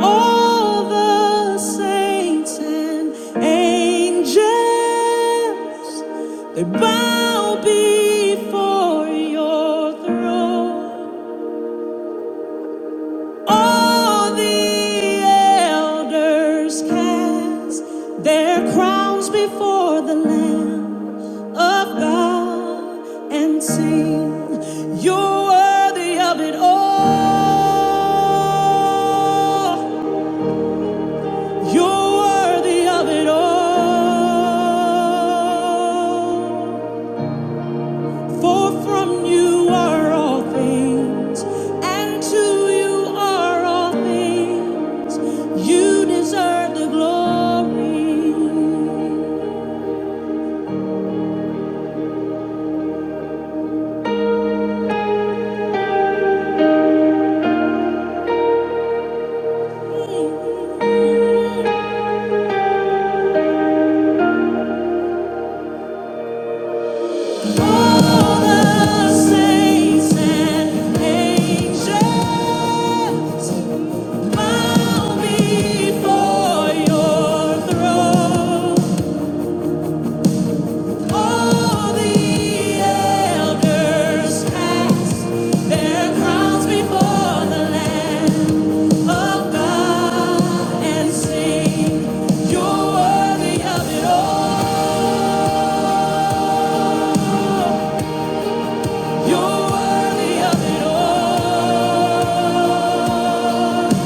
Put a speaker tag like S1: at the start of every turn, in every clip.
S1: All the saints and angels, they bow before your throne. All the elders cast their crowns before the Lamb of God and sing, You're worthy of it all. You're worthy of it all. For from you are all things, and to you are all things. You deserve the glory. All the saints and angels bow before your throne. All the elders cast their crowns before the Lamb of God and sing, You're worthy of it all. You're worthy of it all.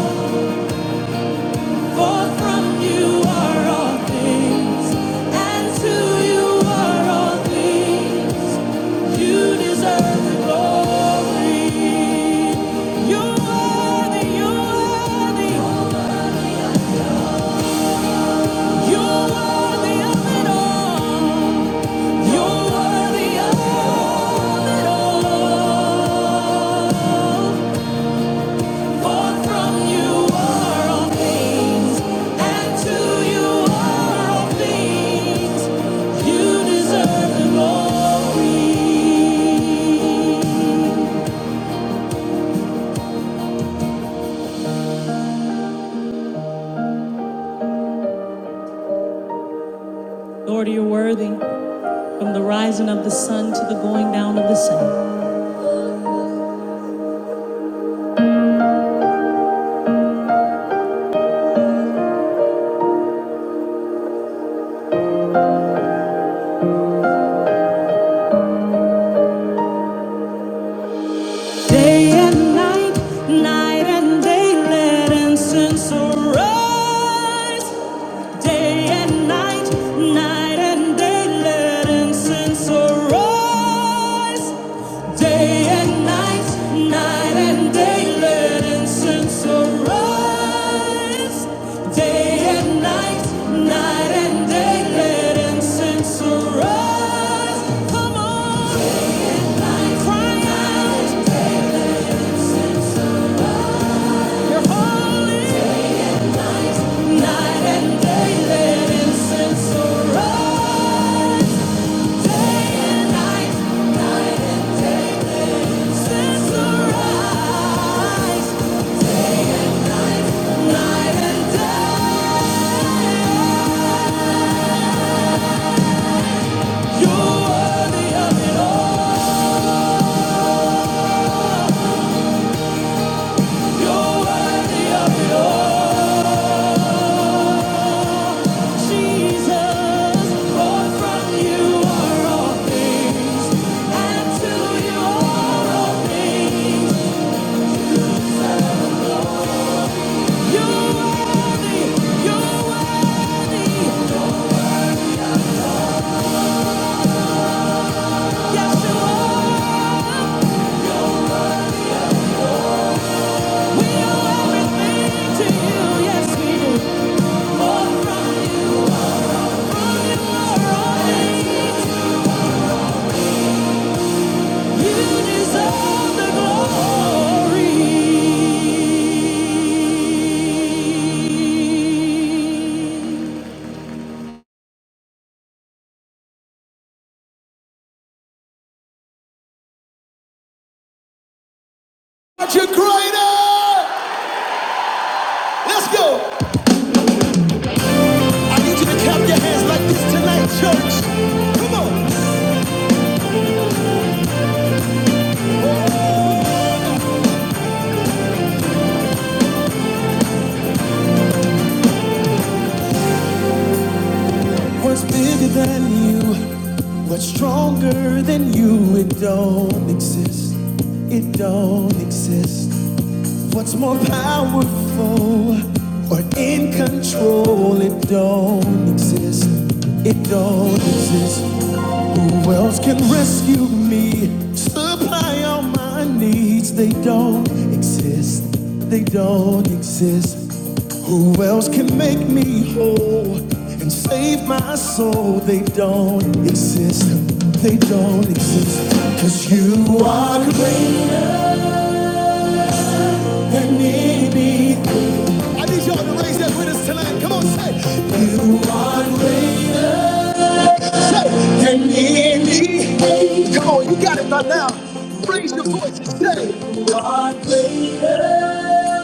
S1: For from you are all things, and to you are all things. You deserve the glory. You're worthy, you're worthy. You're worthy of it all. You're worthy of it all. For from you are all things, and to you are all things. You deserve the glory. Lord, you're worthy. From the rising of the sun to the going down of the same. Day and night, night and day, let incense arise. Day and night, night and day, let incense arise. Day and night, night and day, let incense arise. Day and night, night and day, let incense arise. Come on, cry out you Day and night, night and day, let incense arise. Day and night, night and day, let incense arise. Night, night and day. You're worthy of it all. You're worthy of it all. Jesus, for from you are all things, and to you are all things. You're worthy. You're worthy. Yes, you are. We owe everything to you. Yes, we do. More from you. From you are all You deserve the glory. But you greater. Let's go. What's bigger than you? What's stronger than you? It don't exist. It don't exist. What's more powerful or in control? It don't exist. It don't exist. Who else can rescue me? Supply all my needs. They don't exist. They don't exist. Who else can make me whole and save my soul? They don't exist. They don't exist. Cause you are greater than anything. I need y'all to raise that with us tonight. Come on, say, You are greater than any. Come on, you got it by now. Raise your voice and say, You are greater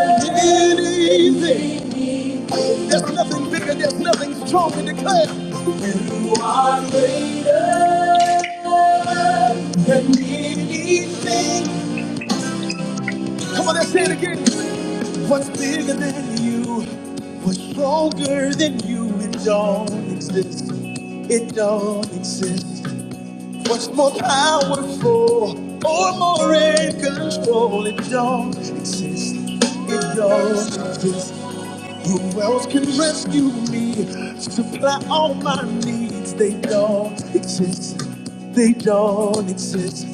S1: than anything. There's nothing bigger, there's nothing stronger. Declare, You are greater than anything. Come on, let's say it again. What's bigger than you? What's stronger than you? It don't exist. It don't exist. What's more powerful or more in control? It don't exist. It don't exist. Who else can rescue me? Supply all my needs. They don't exist. They don't exist.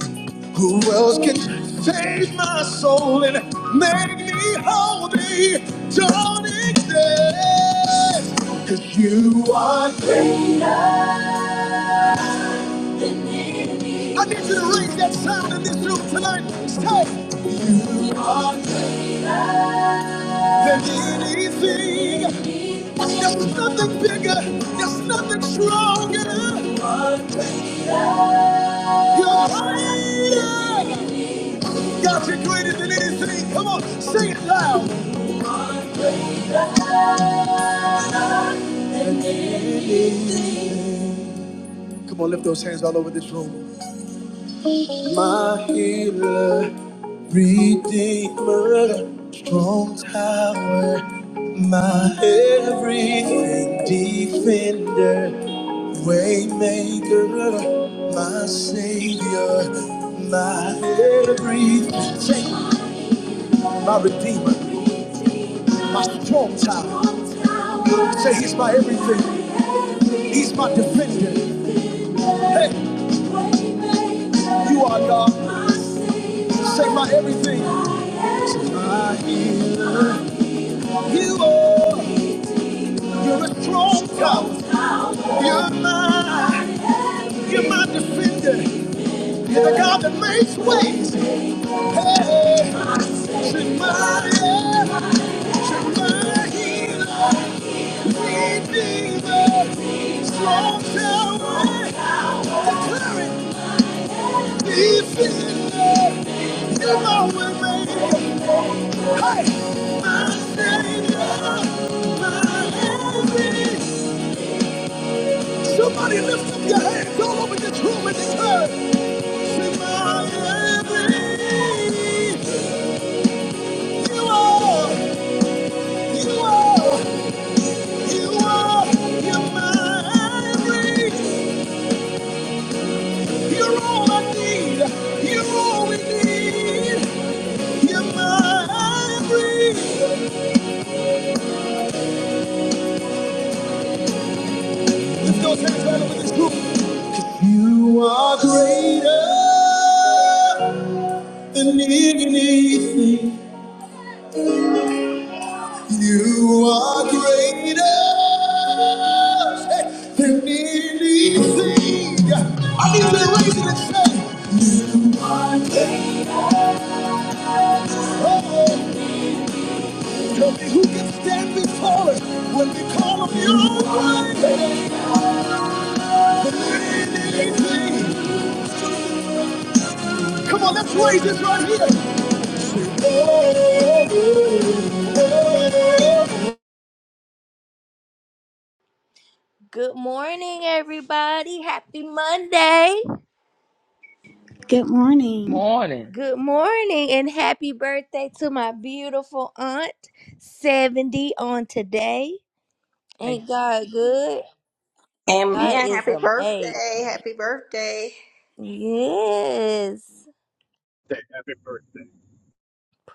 S1: Who else can save my soul and make me holy? Don't exist. Cause you are king. I need you to raise that sound in this room tonight. It's Tight. You are than anything. There's nothing bigger. There's nothing stronger. You're greater. God, you're greater than anything. Come on, sing it loud. Come on, lift those hands all over this room. my healer, redeemer, strong tower, my everything, defender, waymaker, my savior, my everything, my redeemer, my strong tower. Say he's my everything, he's my defender. Hey, you are God. Say my everything, my healer, you are. You're a strong God. You're my, you're my defender. You're the God that makes ways. Hey, Shemaiah, Shemaiah, healer, Redeemer, strong tower, declaring, defender. You're my way maker. Hey, my savior, my everything. Somebody lift up your hands all over this room and declare, "Sing my everything. You are, you are, you are, you're my everything. You're all I need. You're all we need. You're my everything." Lift those hands right over this room. You are greater than anything. You are greater than anything. I need to raise it and say, oh, tell me who can stand before us when we call him your greater than anything. Come on, let's raise this right here. Good morning, everybody. Happy Monday.
S2: Good morning.
S3: Morning.
S1: Good morning and happy birthday to my beautiful aunt, 70 on today.
S3: Thank
S1: Ain't God good? God
S4: Amen.
S1: is
S4: Happy
S1: amazing.
S4: birthday. Happy birthday.
S1: Yes.
S5: birthday. Happy birthday.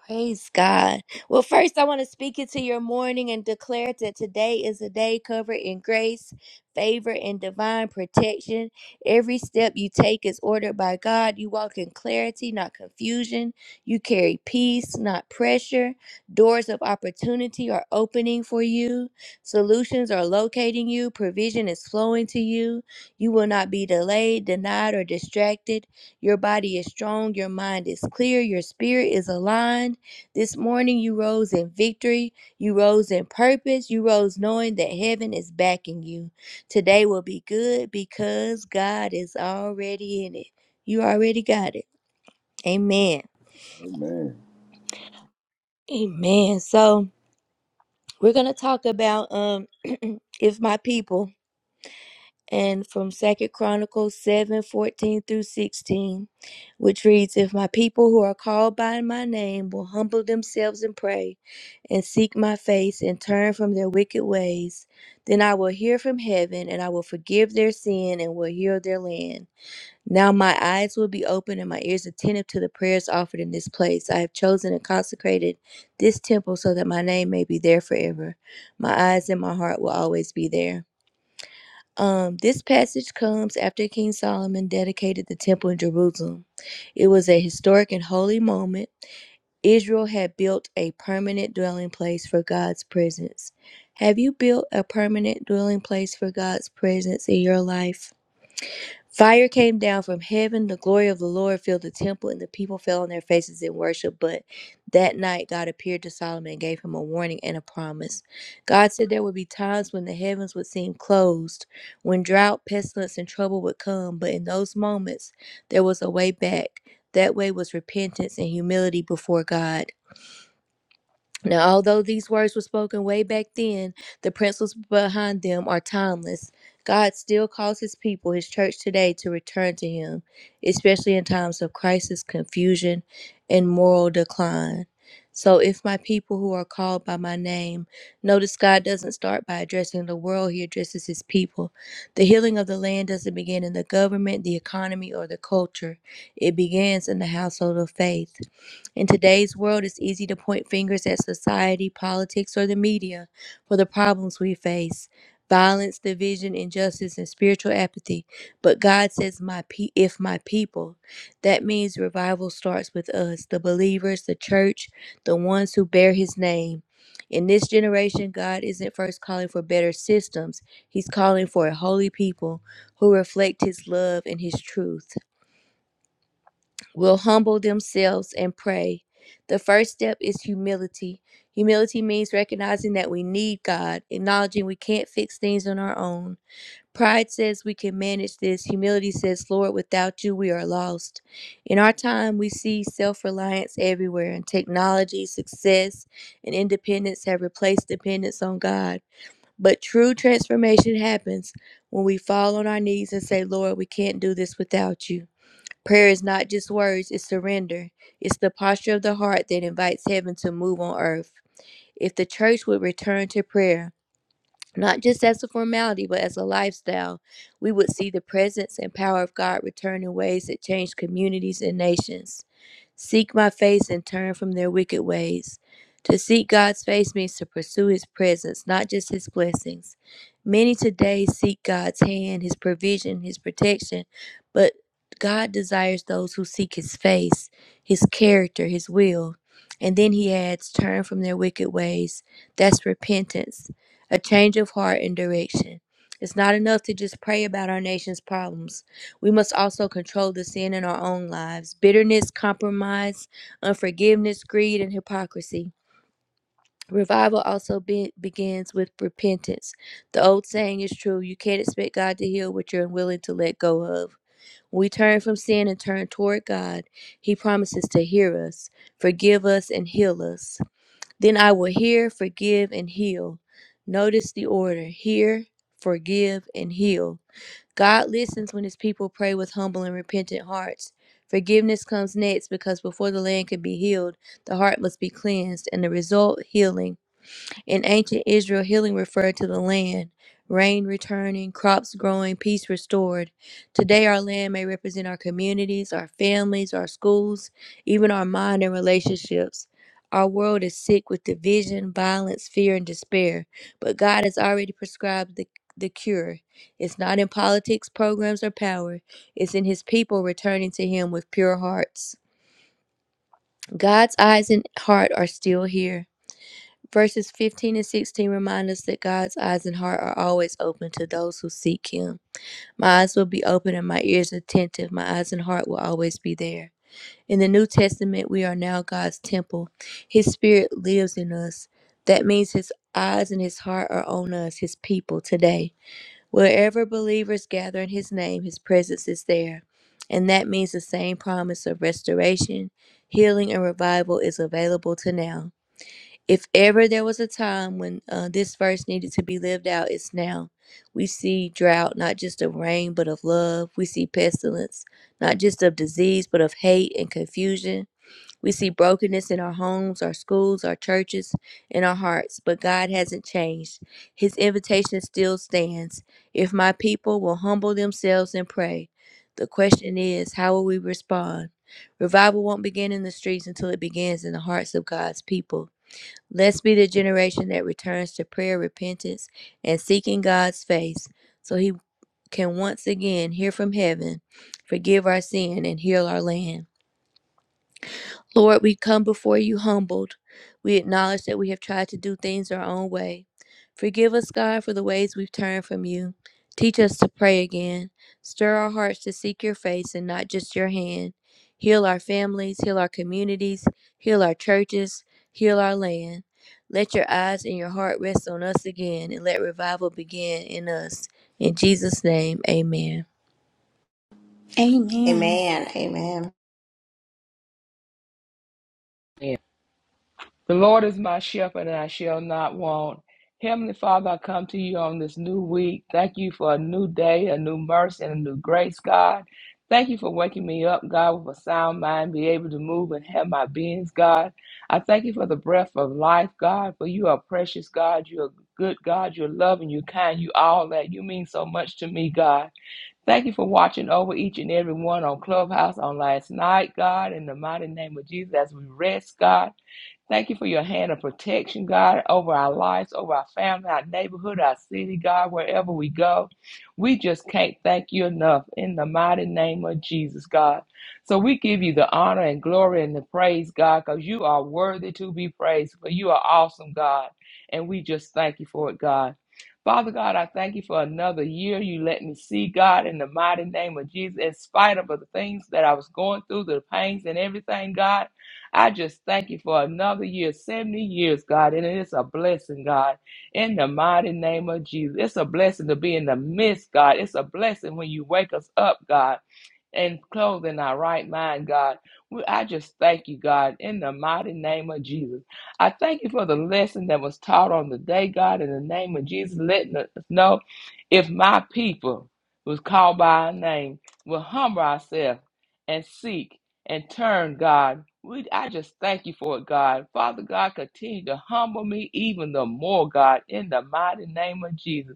S1: Praise God. Well, first, I want to speak into your morning and declare that today is a day covered in grace, favor, and divine protection. Every step you take is ordered by God. You walk in clarity, not confusion. You carry peace, not pressure. Doors of opportunity are opening for you. Solutions are locating you. Provision is flowing to you. You will not be delayed, denied, or distracted. Your body is strong, your mind is clear, your spirit is aligned. This morning you rose in victory, you rose in purpose, you rose knowing that heaven is backing you. Today will be good because God is already in it. You already got it. Amen.
S6: Amen.
S1: Amen. So, we're going to talk about um if my people and from Second Chronicles seven fourteen through 16, which reads, If my people who are called by my name will humble themselves and pray, and seek my face, and turn from their wicked ways, then I will hear from heaven, and I will forgive their sin, and will heal their land. Now my eyes will be open and my ears attentive to the prayers offered in this place. I have chosen and consecrated this temple so that my name may be there forever. My eyes and my heart will always be there. Um, this passage comes after King Solomon dedicated the temple in Jerusalem. It was a historic and holy moment. Israel had built a permanent dwelling place for God's presence. Have you built a permanent dwelling place for God's presence in your life? Fire came down from heaven. The glory of the Lord filled the temple, and the people fell on their faces in worship. But that night, God appeared to Solomon and gave him a warning and a promise. God said there would be times when the heavens would seem closed, when drought, pestilence, and trouble would come. But in those moments, there was a way back. That way was repentance and humility before God. Now, although these words were spoken way back then, the principles behind them are timeless. God still calls his people, his church today, to return to him, especially in times of crisis, confusion, and moral decline. So, if my people who are called by my name, notice God doesn't start by addressing the world, he addresses his people. The healing of the land doesn't begin in the government, the economy, or the culture, it begins in the household of faith. In today's world, it's easy to point fingers at society, politics, or the media for the problems we face violence, division, injustice, and spiritual apathy. But God says, my pe- if my people, that means revival starts with us, the believers, the church, the ones who bear his name. In this generation, God isn't first calling for better systems. He's calling for a holy people who reflect his love and his truth will humble themselves and pray. The first step is humility. Humility means recognizing that we need God, acknowledging we can't fix things on our own. Pride says we can manage this. Humility says, Lord, without you, we are lost. In our time, we see self reliance everywhere, and technology, success, and independence have replaced dependence on God. But true transformation happens when we fall on our knees and say, Lord, we can't do this without you. Prayer is not just words, it's surrender. It's the posture of the heart that invites heaven to move on earth. If the church would return to prayer, not just as a formality, but as a lifestyle, we would see the presence and power of God return in ways that change communities and nations seek my face and turn from their wicked ways. To seek God's face means to pursue his presence, not just his blessings. Many today seek God's hand, his provision, his protection, but God desires those who seek his face, his character, his will. And then he adds, turn from their wicked ways. That's repentance, a change of heart and direction. It's not enough to just pray about our nation's problems. We must also control the sin in our own lives bitterness, compromise, unforgiveness, greed, and hypocrisy. Revival also be- begins with repentance. The old saying is true you can't expect God to heal what you're unwilling to let go of. When we turn from sin and turn toward God, He promises to hear us, forgive us, and heal us. Then I will hear, forgive, and heal. Notice the order hear, forgive, and heal. God listens when his people pray with humble and repentant hearts. Forgiveness comes next because before the land can be healed, the heart must be cleansed, and the result, healing. In ancient Israel, healing referred to the land, rain returning, crops growing, peace restored. Today, our land may represent our communities, our families, our schools, even our mind and relationships. Our world is sick with division, violence, fear, and despair, but God has already prescribed the, the cure. It's not in politics, programs, or power, it's in His people returning to Him with pure hearts. God's eyes and heart are still here. Verses 15 and 16 remind us that God's eyes and heart are always open to those who seek Him. My eyes will be open and my ears attentive. My eyes and heart will always be there. In the New Testament, we are now God's temple. His Spirit lives in us. That means His eyes and His heart are on us, His people, today. Wherever believers gather in His name, His presence is there. And that means the same promise of restoration, healing, and revival is available to now. If ever there was a time when uh, this verse needed to be lived out, it's now. We see drought, not just of rain, but of love. We see pestilence, not just of disease, but of hate and confusion. We see brokenness in our homes, our schools, our churches, in our hearts, but God hasn't changed. His invitation still stands. If my people will humble themselves and pray, the question is, how will we respond? Revival won't begin in the streets until it begins in the hearts of God's people. Let's be the generation that returns to prayer, repentance, and seeking God's face so He can once again hear from heaven, forgive our sin, and heal our land. Lord, we come before you humbled. We acknowledge that we have tried to do things our own way. Forgive us, God, for the ways we've turned from you. Teach us to pray again. Stir our hearts to seek your face and not just your hand. Heal our families, heal our communities, heal our churches, heal our land. Let your eyes and your heart rest on us again and let revival begin in us. In Jesus' name, amen.
S2: Amen.
S4: Amen. Amen.
S3: you. The Lord is my shepherd, and I shall not want. Heavenly Father, I come to you on this new week. Thank you for a new day, a new mercy, and a new grace, God. Thank you for waking me up, God, with a sound mind, be able to move and have my beings, God. I thank you for the breath of life, God, for you are precious, God. You are good, God. You're loving, you're kind, you all that. You mean so much to me, God. Thank you for watching over each and every one on Clubhouse on last night, God, in the mighty name of Jesus, as we rest, God. Thank you for your hand of protection, God, over our lives, over our family, our neighborhood, our city, God, wherever we go. We just can't thank you enough in the mighty name of Jesus, God. So we give you the honor and glory and the praise, God, because you are worthy to be praised, for you are awesome, God. And we just thank you for it, God. Father God, I thank you for another year you let me see, God, in the mighty name of Jesus. In spite of the things that I was going through, the pains and everything, God, I just thank you for another year, 70 years, God. And it's a blessing, God, in the mighty name of Jesus. It's a blessing to be in the midst, God. It's a blessing when you wake us up, God and clothed in our right mind, God. We, I just thank you, God, in the mighty name of Jesus. I thank you for the lesson that was taught on the day, God, in the name of Jesus, letting us know if my people was called by our name, will humble ourselves and seek and turn, God. We, I just thank you for it, God. Father God, continue to humble me even the more, God, in the mighty name of Jesus.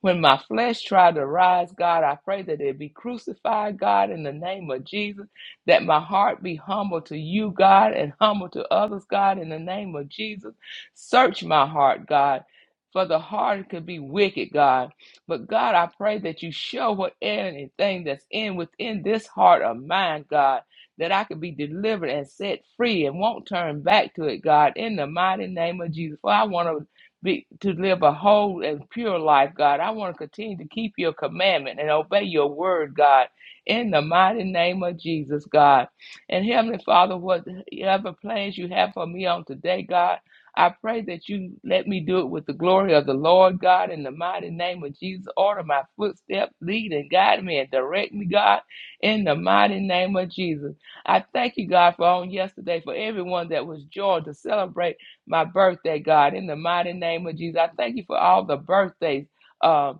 S3: When my flesh tried to rise, God, I pray that it be crucified, God, in the name of Jesus, that my heart be humble to you, God, and humble to others, God, in the name of Jesus. Search my heart, God. For the heart could be wicked, God. But God, I pray that you show what anything that's in within this heart of mine, God, that I could be delivered and set free and won't turn back to it, God, in the mighty name of Jesus. For I want to be, to live a whole and pure life, God. I want to continue to keep your commandment and obey your word, God, in the mighty name of Jesus, God. And Heavenly Father, whatever plans you have for me on today, God, I pray that you let me do it with the glory of the Lord, God, in the mighty name of Jesus. Order my footsteps, lead and guide me and direct me, God, in the mighty name of Jesus. I thank you, God, for on yesterday, for everyone that was joined to celebrate my birthday, God. In the mighty name of Jesus, I thank you for all the birthdays uh,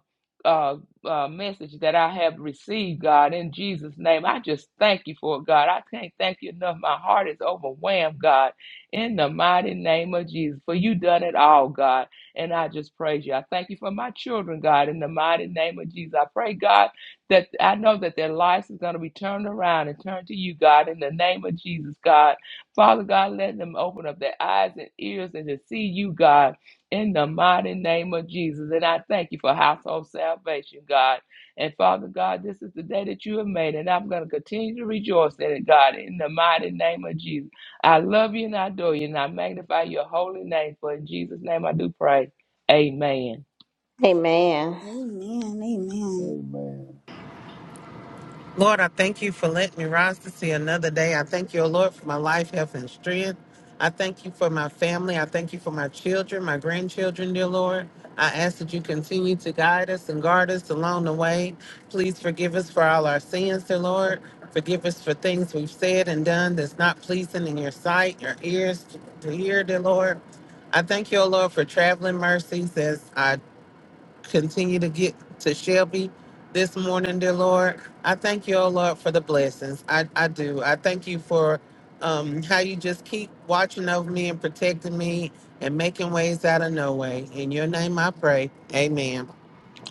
S3: uh, uh, message that I have received, God. In Jesus' name, I just thank you for it, God. I can't thank you enough. My heart is overwhelmed, God. In the mighty name of Jesus, for you done it all, God. And I just praise you. I thank you for my children, God. In the mighty name of Jesus, I pray, God, that I know that their lives is going to be turned around and turned to you, God. In the name of Jesus, God. Father God, let them open up their eyes and ears and to see you, God, in the mighty name of Jesus. And I thank you for household salvation, God. And Father God, this is the day that you have made, and I'm going to continue to rejoice in it, God, in the mighty name of Jesus. I love you and I adore you, and I magnify your holy name. For in Jesus' name I do pray. Amen.
S4: Amen.
S2: Amen. Amen.
S6: Amen.
S7: Lord, I thank you for letting me rise to see another day. I thank you, O Lord, for my life, health, and strength. I thank you for my family. I thank you for my children, my grandchildren, dear Lord. I ask that you continue to guide us and guard us along the way. Please forgive us for all our sins, dear Lord. Forgive us for things we've said and done that's not pleasing in your sight, your ears to hear, dear Lord. I thank you, O Lord, for traveling mercies as I continue to get to Shelby this morning, dear Lord. I thank you, oh Lord, for the blessings. I, I do. I thank you for um, how you just keep watching over me and protecting me and making ways out of no way. In your name I pray. Amen.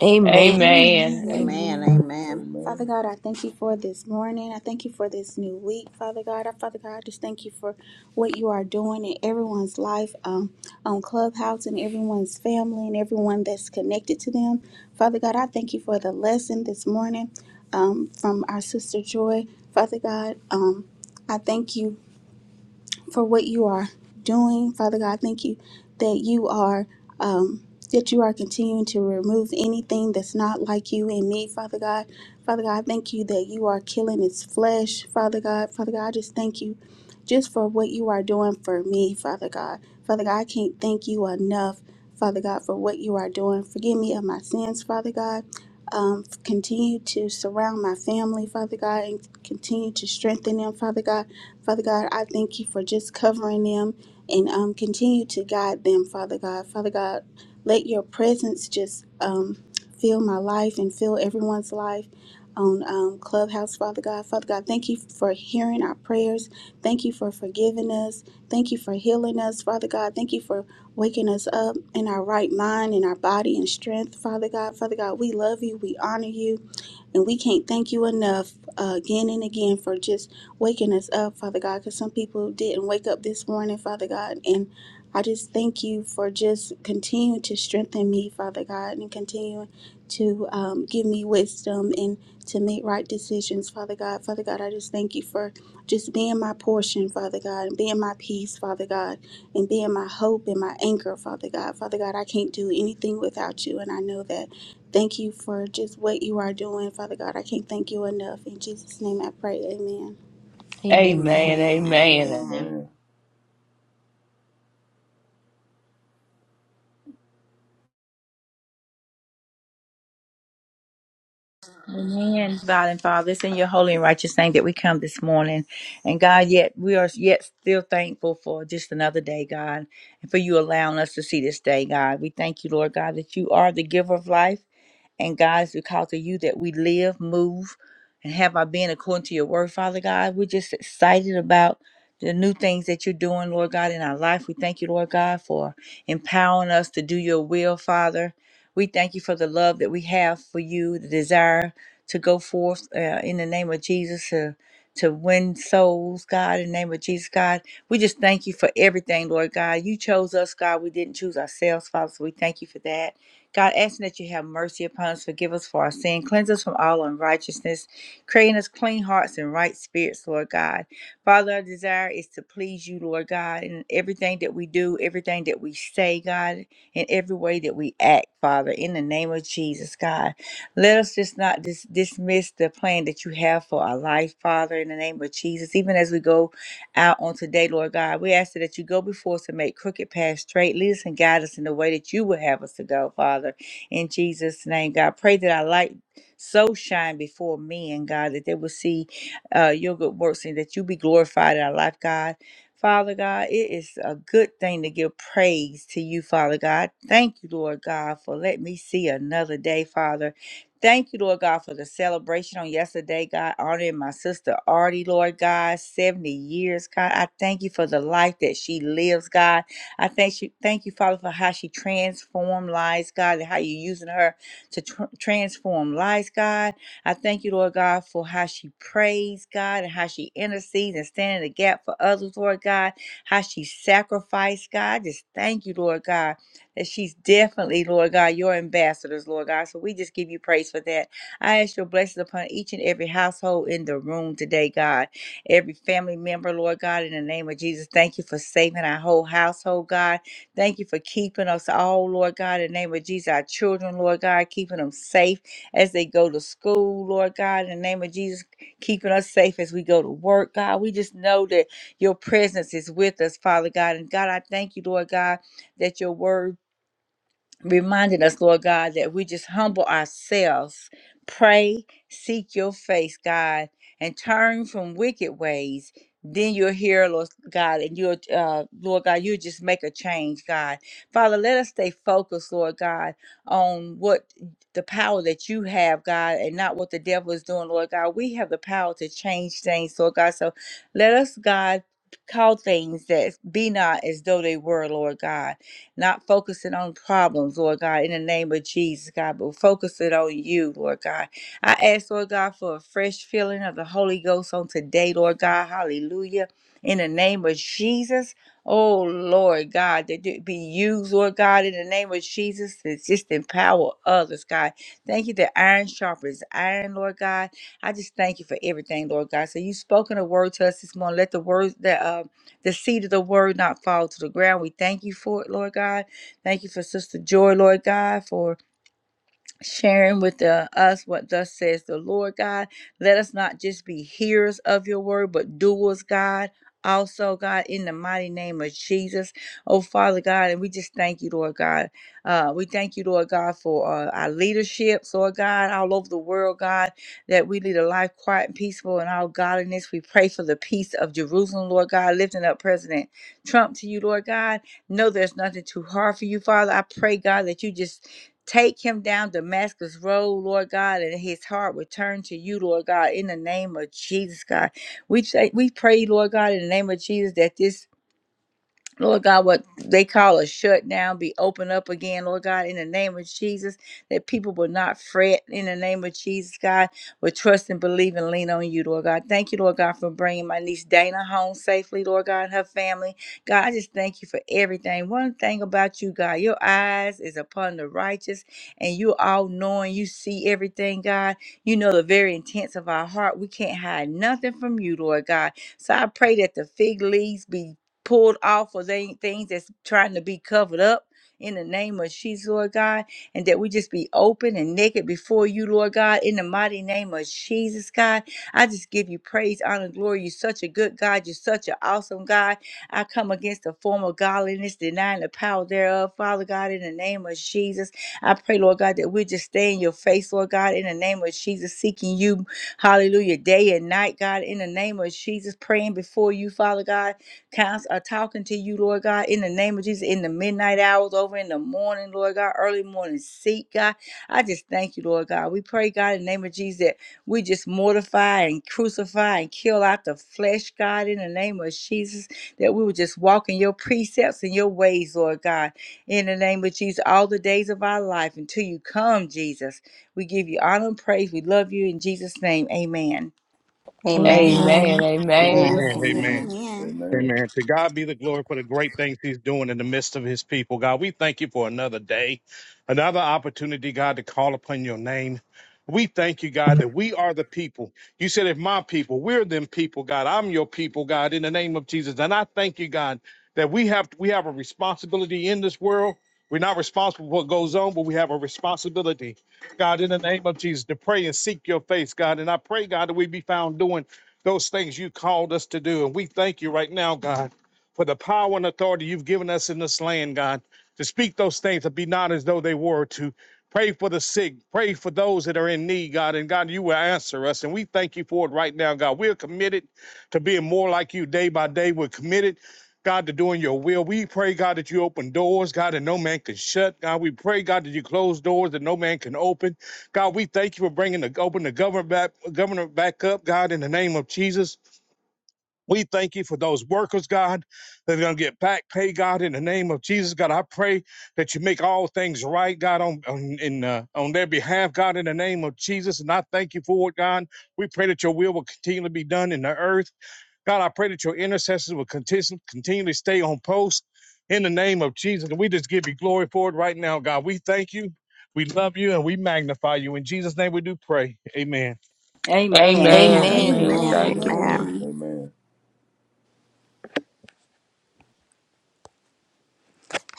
S1: Amen.
S2: Amen.
S3: Amen. Amen.
S4: Amen.
S2: Amen.
S4: Amen.
S2: Father
S6: Amen.
S2: God, I thank you for this morning. I thank you for this new week, Father God. I, Father God, I just thank you for what you are doing in everyone's life um, on Clubhouse and everyone's family and everyone that's connected to them. Father God, I thank you for the lesson this morning um, from our sister Joy. Father God, um, I thank you much for what you are doing. Father God, thank you that you are um, that you are continuing to remove anything that's not like you in me, Father God. Father God, thank you that you are killing its flesh, Father God. Father God, I just thank you just for what you are doing for me, Father God. Father God, I can't thank you enough, Father God, for what you are doing. Forgive me of my sins, Father God. Um, continue to surround my family, Father God, and continue to strengthen them, Father God. Father God, I thank you for just covering them and um, continue to guide them, Father God. Father God, let your presence just um, fill my life and fill everyone's life on um, Clubhouse, Father God. Father God, thank you for hearing our prayers. Thank you for forgiving us. Thank you for healing us, Father God. Thank you for waking us up in our right mind, in our body and strength, Father God. Father God, we love you. We honor you. And we can't thank you enough uh, again and again for just waking us up, Father God, because some people didn't wake up this morning, Father God. And I just thank you for just continuing to strengthen me, Father God, and continuing to um, give me wisdom and to make right decisions, Father God. Father God, I just thank you for just being my portion, Father God, and being my peace, Father God, and being my hope and my anchor, Father God. Father God, I can't do anything without you, and I know that. Thank you for just what you are doing, Father God. I can't thank you enough. In Jesus' name I pray, amen.
S4: Amen.
S1: Amen.
S3: Amen. Amen.
S4: Amen.
S6: Amen.
S8: Amen. Father and Father, it's in your holy and righteous name that we come this morning. And God, yet we are yet still thankful for just another day, God, and for you allowing us to see this day, God. We thank you, Lord God, that you are the giver of life. And God, it's because of you that we live, move, and have our being according to your word, Father God. We're just excited about the new things that you're doing, Lord God, in our life. We thank you, Lord God, for empowering us to do your will, Father. We thank you for the love that we have for you, the desire to go forth uh, in the name of Jesus to to win souls, God, in the name of Jesus, God. We just thank you for everything, Lord God. You chose us, God. We didn't choose ourselves, Father. So we thank you for that. God, asking that you have mercy upon us, forgive us for our sin, cleanse us from all unrighteousness, creating us clean hearts and right spirits, Lord God. Father, our desire is to please you, Lord God, in everything that we do, everything that we say, God, in every way that we act, Father, in the name of Jesus, God. Let us just not dis- dismiss the plan that you have for our life, Father, in the name of Jesus, even as we go out on today, Lord God. We ask that you go before us and make crooked paths straight. Lead us and guide us in the way that you would have us to go, Father. In Jesus' name, God, pray that our light so shine before men, God, that they will see uh, your good works and that you be glorified in our life, God. Father God, it is a good thing to give praise to you, Father God. Thank you, Lord God, for letting me see another day, Father. Thank you, Lord God, for the celebration on yesterday, God, honoring my sister Artie, Lord God, 70 years, God. I thank you for the life that she lives, God. I thank you, thank you, Father, for how she transformed lives, God, and how you're using her to tr- transform lives, God. I thank you, Lord God, for how she prays, God, and how she intercedes and stands in the gap for others, Lord God, how she sacrificed, God. Just thank you, Lord God that she's definitely, Lord God, your ambassadors, Lord God. So we just give you praise for that. I ask your blessings upon each and every household in the room today, God. Every family member, Lord God, in the name of Jesus, thank you for saving our whole household, God. Thank you for keeping us all, Lord God, in the name of Jesus, our children, Lord God, keeping them safe as they go to school, Lord God, in the name of Jesus, keeping us safe as we go to work, God. We just know that your presence is with us, Father God. And God, I thank you, Lord God, that your word reminding us, Lord God, that we just humble ourselves, pray, seek your face, God, and turn from wicked ways. Then you'll hear, Lord God, and you'll, uh, Lord God, you'll just make a change, God. Father, let us stay focused, Lord God, on what the power that you have, God, and not what the devil is doing, Lord God. We have the power to change things, Lord God. So let us, God, call things that be not as though they were, Lord God not focusing on problems, Lord God, in the name of Jesus, God, but focusing on you, Lord God. I ask, Lord God, for a fresh feeling of the Holy Ghost on today, Lord God. Hallelujah. In the name of Jesus. Oh, Lord God, that it be used, Lord God, in the name of Jesus, to just empower others, God. Thank you that iron sharpens iron, Lord God. I just thank you for everything, Lord God. So you have spoken a word to us this morning. Let the words that uh the seed of the word not fall to the ground. We thank you for it, Lord God. Thank you for Sister Joy, Lord God, for sharing with uh, us what thus says the Lord God. Let us not just be hearers of your word, but doers, God. Also, God, in the mighty name of Jesus, oh Father God, and we just thank you, Lord God. Uh, we thank you, Lord God, for uh, our leadership, Lord God, all over the world, God, that we lead a life quiet and peaceful in all godliness. We pray for the peace of Jerusalem, Lord God, lifting up President Trump to you, Lord God. No, there's nothing too hard for you, Father. I pray, God, that you just Take him down Damascus Road, Lord God, and his heart return to you, Lord God, in the name of Jesus, God. We say, we pray, Lord God, in the name of Jesus, that this Lord God, what they call a shutdown be opened up again, Lord God, in the name of Jesus, that people will not fret in the name of Jesus, God, but trust and believe and lean on you, Lord God. Thank you, Lord God, for bringing my niece Dana home safely, Lord God, and her family. God, I just thank you for everything. One thing about you, God, your eyes is upon the righteous, and you all knowing, you see everything, God. You know the very intents of our heart. We can't hide nothing from you, Lord God. So I pray that the fig leaves be pulled off of they, things that's trying to be covered up in the name of Jesus, Lord God, and that we just be open and naked before you, Lord God, in the mighty name of Jesus, God. I just give you praise, honor, glory. You're such a good God. You're such an awesome God. I come against the form of godliness, denying the power thereof, Father God, in the name of Jesus. I pray, Lord God, that we just stay in your face, Lord God, in the name of Jesus, seeking you, hallelujah, day and night, God, in the name of Jesus, praying before you, Father God cons- uh, talking to you, Lord God, in the name of Jesus, in the midnight hours, over in the morning, Lord God, early morning seek, God. I just thank you, Lord God. We pray, God, in the name of Jesus, that we just mortify and crucify and kill out the flesh, God, in the name of Jesus, that we would just walk in your precepts and your ways, Lord God, in the name of Jesus, all the days of our life until you come, Jesus. We give you honor and praise. We love you in Jesus' name. Amen.
S4: Amen.
S3: Amen.
S4: Amen.
S1: Amen.
S3: Amen.
S9: They
S5: Amen.
S9: love you.
S5: Amen.
S4: Amen. Amen.
S2: Amen.
S6: Amen.
S5: Amen. To God be the glory for the great things he's doing in the midst of his people. God, we thank you for another day, another opportunity, God, to call upon your name. We thank you, God, that we are the people. You said, if my people, we're them people, God. I'm your people, God, in the name of Jesus. And I thank you, God, that we have we have a responsibility in this world. We're not responsible for what goes on, but we have a responsibility, God, in the name of Jesus, to pray and seek your face, God. And I pray, God, that we be found doing those things you called us to do. And we thank you right now, God, for the power and authority you've given us in this land, God, to speak those things that be not as though they were, to pray for the sick, pray for those that are in need, God. And God, you will answer us. And we thank you for it right now, God. We're committed to being more like you day by day. We're committed. God, to doing your will. We pray, God, that you open doors, God, that no man can shut. God, we pray, God, that you close doors that no man can open. God, we thank you for bringing the open the governor back, governor back up, God, in the name of Jesus. We thank you for those workers, God, that are going to get back pay, God, in the name of Jesus. God, I pray that you make all things right, God, on, on, in, uh, on their behalf, God, in the name of Jesus. And I thank you for it, God. We pray that your will will continue to be done in the earth. God, I pray that your intercessors will continue, continue to stay on post in the name of Jesus. And we just give you glory for it right now, God. We thank you. We love you and we magnify you. In Jesus' name we do pray. Amen.
S8: Amen.
S3: Amen.
S1: Amen.
S3: Amen.
S4: Amen.
S2: Amen.
S3: Thank you.
S4: Amen!
S2: Amen.
S6: Amen.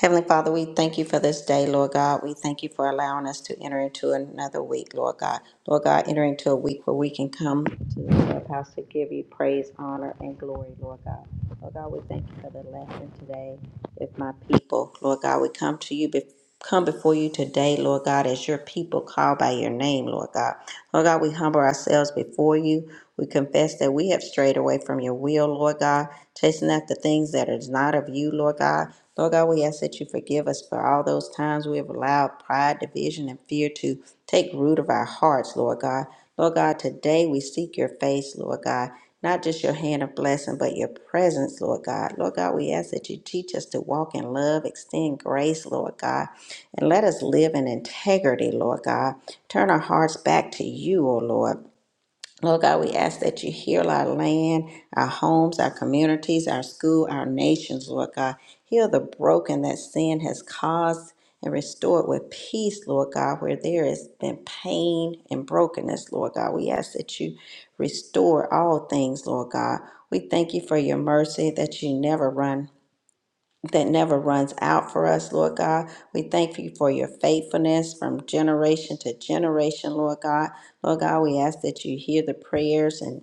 S4: Heavenly Father, we thank you for this day, Lord God. We thank you for allowing us to enter into another week, Lord God. Lord God, enter into a week where we can come to the clubhouse to give you praise, honor, and glory, Lord God. Lord God, we thank you for the lesson today. If my people, Lord God, we come to you, bef- come before you today, Lord God, as your people called by your name, Lord God. Lord God, we humble ourselves before you. We confess that we have strayed away from your will, Lord God, chasing after things that is not of you, Lord God. Lord God, we ask that you forgive us for all those times we have allowed pride, division, and fear to take root of our hearts, Lord God. Lord God, today we seek your face, Lord God. Not just your hand of blessing, but your presence, Lord God. Lord God, we ask that you teach us to walk in love, extend grace, Lord God, and let us live in integrity, Lord God. Turn our hearts back to you, O Lord. Lord God, we ask that you heal our land, our homes, our communities, our school, our nations, Lord God. Heal the broken that sin has caused and restore it with peace, Lord God, where there has been pain and brokenness, Lord God. We ask that you restore all things, Lord God. We thank you for your mercy that you never run that never runs out for us, Lord God. We thank you for your faithfulness from generation to generation, Lord God. Lord God, we ask that you hear the prayers and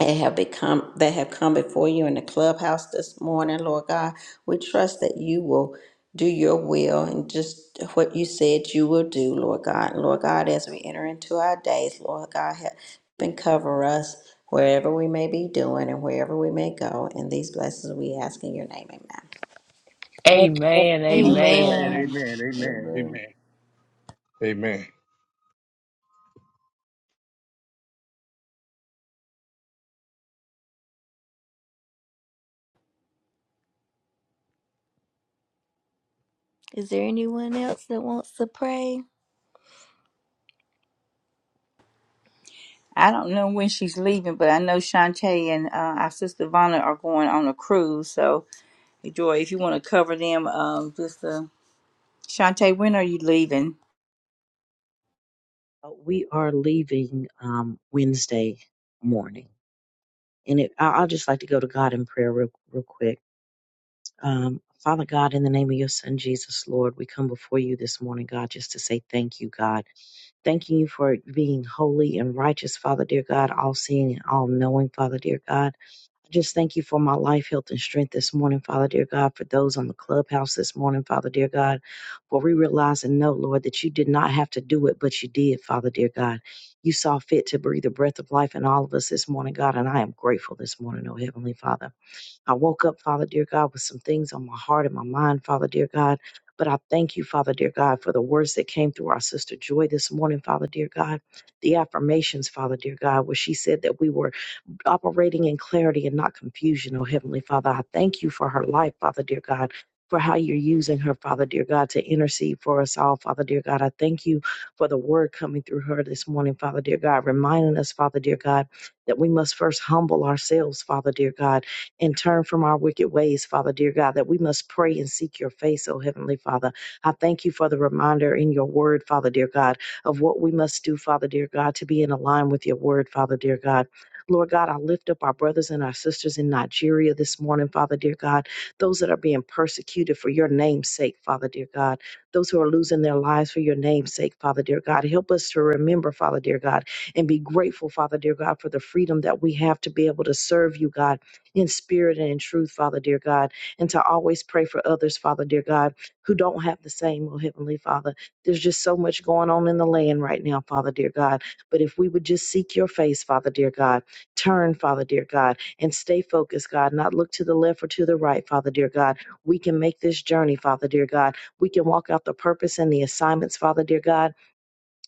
S4: and have become that have come before you in the clubhouse this morning, Lord God. We trust that you will do your will and just what you said you will do, Lord God. And Lord God, as we enter into our days, Lord God, help and cover us wherever we may be doing and wherever we may go. And these blessings we ask in your name, amen.
S3: Amen.
S9: Amen.
S5: Amen.
S3: Amen.
S1: Amen.
S8: Amen.
S5: Amen. Amen.
S6: Amen.
S5: Amen. Amen.
S1: Is there anyone else that wants to pray?
S8: I don't know when she's leaving, but I know Shantae and uh, our sister Vonna are going on a cruise. So, Joy, if you want to cover them, um, just uh, Shantae, when are you leaving?
S10: Uh, We are leaving um, Wednesday morning. And it, I- I'll just like to go to God in prayer real, real quick. Um, Father God, in the name of your son, Jesus, Lord, we come before you this morning, God, just to say thank you, God. Thanking you for being holy and righteous, Father, dear God, all seeing and all knowing, Father, dear God. I just thank you for my life, health, and strength this morning, Father dear God, for those on the clubhouse this morning, Father dear God, for we realize and know, Lord, that you did not have to do it, but you did, Father dear God. You saw fit to breathe the breath of life in all of us this morning, God, and I am grateful this morning, oh Heavenly Father. I woke up, Father dear God, with some things on my heart and my mind, Father dear God. But I thank you, Father dear God, for the words that came through our sister Joy this morning, Father dear God. The affirmations, Father dear God, where she said that we were operating in clarity and not confusion, oh Heavenly Father. I thank you for her life, Father dear God, for how you're using her, Father dear God, to intercede for us all, Father dear God. I thank you for the word coming through her this morning, Father dear God, reminding us, Father dear God, that we must first humble ourselves, Father dear God, and turn from our wicked ways, Father dear God, that we must pray and seek your face, oh Heavenly Father. I thank you for the reminder in your word, Father dear God, of what we must do, Father dear God, to be in alignment with your word, Father dear God. Lord God, I lift up our brothers and our sisters in Nigeria this morning, Father dear God, those that are being persecuted for your name's sake, Father dear God, those who are losing their lives for your name's sake, Father dear God. Help us to remember, Father dear God, and be grateful, Father dear God, for the freedom that we have to be able to serve you, God, in spirit and in truth, Father dear God, and to always pray for others, Father dear God, who don't have the same, oh Heavenly Father. There's just so much going on in the land right now, Father dear God. But if we would just seek your face, Father dear God, Turn, Father dear God, and stay focused, God, not look to the left or to the right, Father dear God. We can make this journey, Father dear God. We can walk out the purpose and the assignments, Father dear God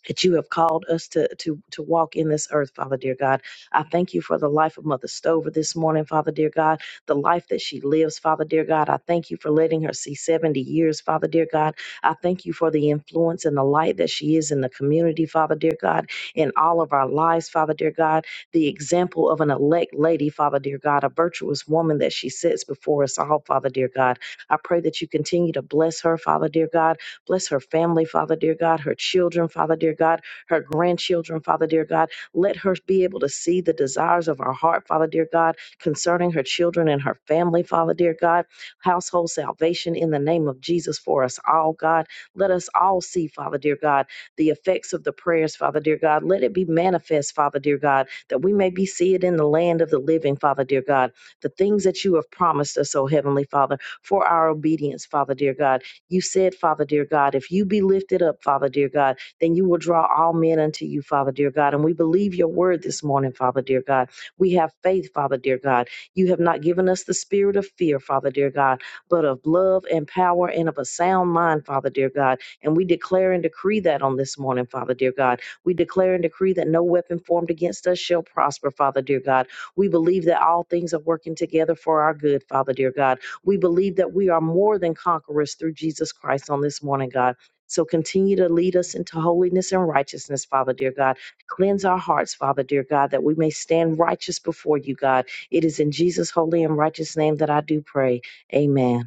S10: that you have called us to to to walk in this earth, Father dear God. I thank you for the life of Mother Stover this morning, Father dear God, the life that she lives, Father dear God. I thank you for letting her see 70 years, Father dear God. I thank you for the influence and the light that she is in the community, Father dear God, in all of our lives, Father dear God, the example of an elect lady, Father dear God, a virtuous woman that she sits before us all, Father dear God. I pray that you continue to bless her, Father dear God Bless her family, Father dear God, her children, Father dear God, her grandchildren, Father dear God. Let her be able to see the desires of her heart, Father dear God, concerning her children and her family, Father dear God. Household salvation in the name of Jesus for us all, God. Let us all see, Father dear God, the effects of the prayers, Father dear God. Let it be manifest, Father dear God, that we may be see it in the land of the living, Father dear God. The things that you have promised us, O Heavenly Father, for our obedience, Father dear God. You said, Father dear God, if you be lifted up, Father dear God, then you will draw all men unto you, Father dear God. And we believe your word this morning, Father dear God. We have faith, Father dear God. You have not given us the spirit of fear, Father dear God, but of love and power and of a sound mind, Father dear God. And we declare and decree that on this morning, Father dear God. We declare and decree that no weapon formed against us shall prosper, Father dear God. We believe that all things are working together for our good, Father dear God we believe that we are more than conquerors through Jesus Christ on this morning, God. So continue to lead us into holiness and righteousness, Father, dear God. Cleanse our hearts, Father, dear God, that we may stand righteous before you, God. It is in Jesus' holy and righteous name that I do pray. Amen.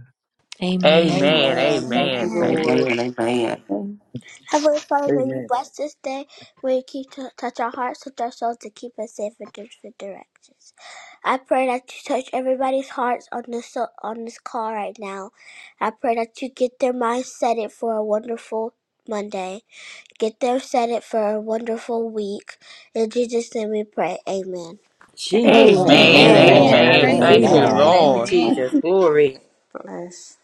S4: Amen.
S1: Amen.
S3: Amen.
S8: Amen.
S2: Amen.
S8: Thank you,
S3: Amen.
S11: Amen.
S6: Thank
S3: Thank.
S2: Amen.
S8: Lord.
S11: Amen.
S9: Amen.
S12: Heavenly Father, may you
S5: Amen.
S12: bless this day. May you keep to touch our hearts, touch our souls, and keep us safe from different directions. I pray that you touch everybody's hearts on this on this call right now. I pray that you get their minds set it for a wonderful Monday. Get them set it for a wonderful week. In Jesus' name we pray. Amen.
S8: Jesus.
S3: Amen.
S8: Amen. Yes,
S10: Amen.
S1: Amen.
S2: Amen.
S8: I
S5: And
S4: Amen.
S3: Amen.
S11: Amen.
S2: Praise
S8: receive
S3: Thank
S8: it
S3: you,
S11: Amen.
S8: in
S10: Amen.
S8: the
S2: God.
S8: name of
S3: Lord.
S4: Amen.
S8: Jesus.
S2: Amen.
S4: Amen.
S8: Glory.
S4: Bless.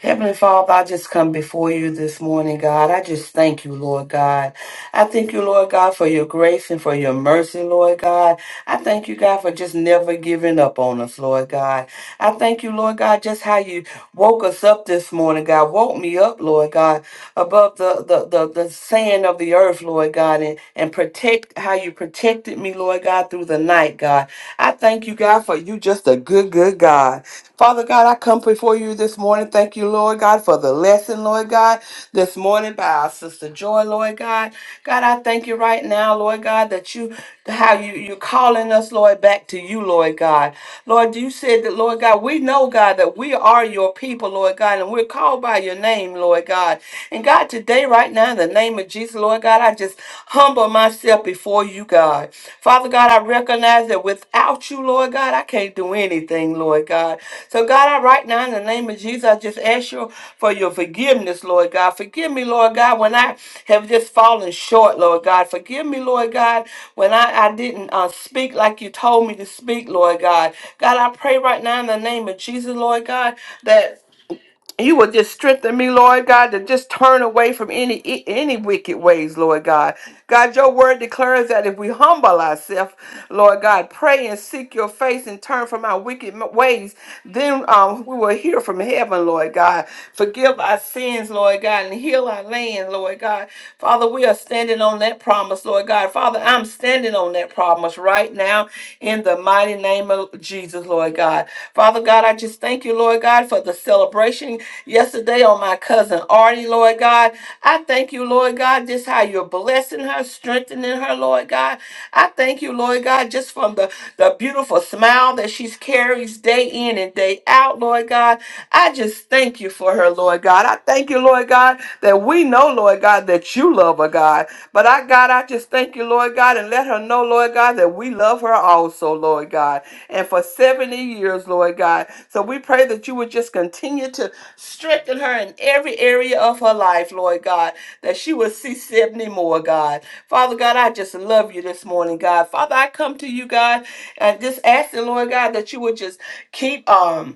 S11: Heavenly Father, I just come before you this morning, God. I just thank you, Lord God. I thank you, Lord God, for your grace and for your mercy, Lord God. I thank you, God, for just never giving up on us, Lord God. I thank you, Lord God, just how you woke us up this morning, God. Woke me up, Lord God, above the, the, the, the sand of the earth, Lord God, and, and protect how you protected me, Lord God, through the night, God. I thank you, God, for you just a good, good God. Father God, I come before you this morning. Thank you, Lord God, for the lesson, Lord God, this morning by our sister Joy, Lord God. God, I thank you right now, Lord God, that you how you you're calling us, Lord, back to you, Lord God. Lord, you said that, Lord God, we know, God, that we are your people, Lord God, and we're called by your name, Lord God. And God, today, right now, in the name of Jesus, Lord. Lord God. I just humble myself before you, God. Father God, I recognize that without you, Lord God, I can't do anything, Lord God. So, God, I right now in the name of Jesus, I just ask you for your forgiveness, Lord God. Forgive me, Lord God, when I have just fallen short, Lord God. Forgive me, Lord God, when I, I didn't uh, speak like you told me to speak, Lord God. God, I pray right now in the name of Jesus, Lord God, that you will just strengthen me, Lord God, to just turn away from any e, any wicked ways, Lord God. God, your word declares that if we humble ourselves, Lord God, pray and seek your face and turn from our wicked m- ways, then um, we will hear from heaven, Lord God. Forgive our sins, Lord God, and heal our land, Lord God. Father, we are standing on that promise, Lord God. Father, I'm standing on that promise right now in the mighty name of Jesus, Lord God. Father God, I just thank you, Lord God, for the celebration teaching yesterday on my cousin Artie, Lord God. I thank you, Lord God, just how you're blessing her, strengthening her, Lord God. I thank you, Lord God, just from the, the beautiful smile that she carries day in and day out, Lord God. I just thank you for her, Lord God. I thank you, Lord God, that we know, Lord God, that you love her, God. But I, God, I just thank you, Lord God, and let her know, Lord God, that we love her also, Lord God. And for 70 years, Lord God. So we pray that you would just continue to Strengthen her in every area of her life, Lord God, that she will see 70 more, God. Father God, I just love you this morning, God. Father, I come to you, God, and just ask the Lord God that you would just keep um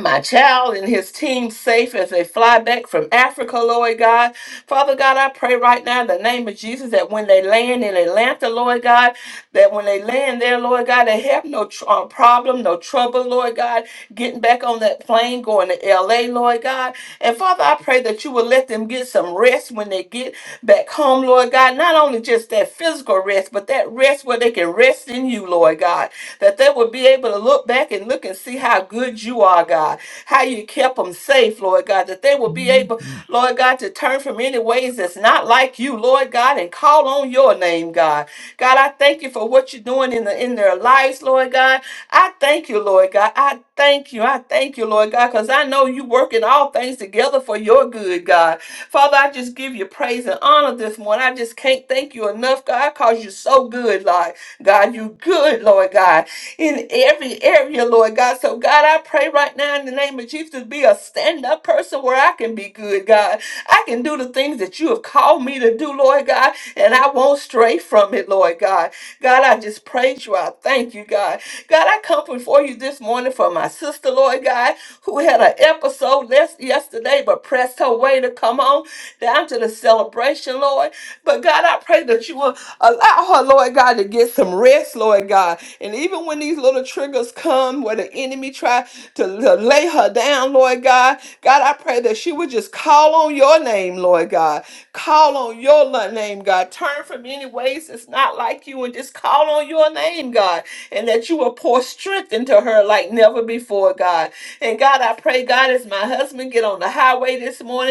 S11: my child and his team safe as they fly back from Africa, Lord God. Father God, I pray right now in the name of Jesus that when they land in Atlanta, Lord God, that when they land there, Lord God, they have no tr- uh, problem, no trouble, Lord God, getting back on that plane, going to LA, Lord God. And Father, I pray that you will let them get some rest when they get back home, Lord God. Not only just that physical rest, but that rest where they can rest in you, Lord God that they would be able to look back and look and see how good you are, God, how you kept them safe, Lord God, that they would be able,
S3: hmm
S11: Lord God, to turn from any ways that's not like you, Lord God, and call on your name, God. God, I thank you for what you're doing in the in their lives, Lord God. I thank you, Lord God. I thank you. I thank you, Lord God, because I know you working all things together for your good, God. Father, I just give you praise and honor this morning. I just can't thank you enough, God, because you're so good, Lord. God, you good, Lord God in every area, Lord God. So, God, I pray right now in the name of Jesus to be a stand up person where I can be good, God. I can do the things that you have called me to do, Lord God, and I won't stray from it, Lord God. God, I just praise you. I thank you, God. God, I come before you this morning for my sister, Lord God, who had an episode less yesterday but pressed her way to come on down to the celebration, Lord. But God, I pray that you will allow her, Lord God, to get some rest, Lord God. And even when these little triggers come where the enemy try to, to lay her down, Lord God, God, I pray that she would just call on your name, Lord God. Call on your lo- name, God. Turn from any ways that's not like you and just call on your name, God. And that you will pour strength into her like never before, God. And God, I pray, God, as my husband get on the highway this morning,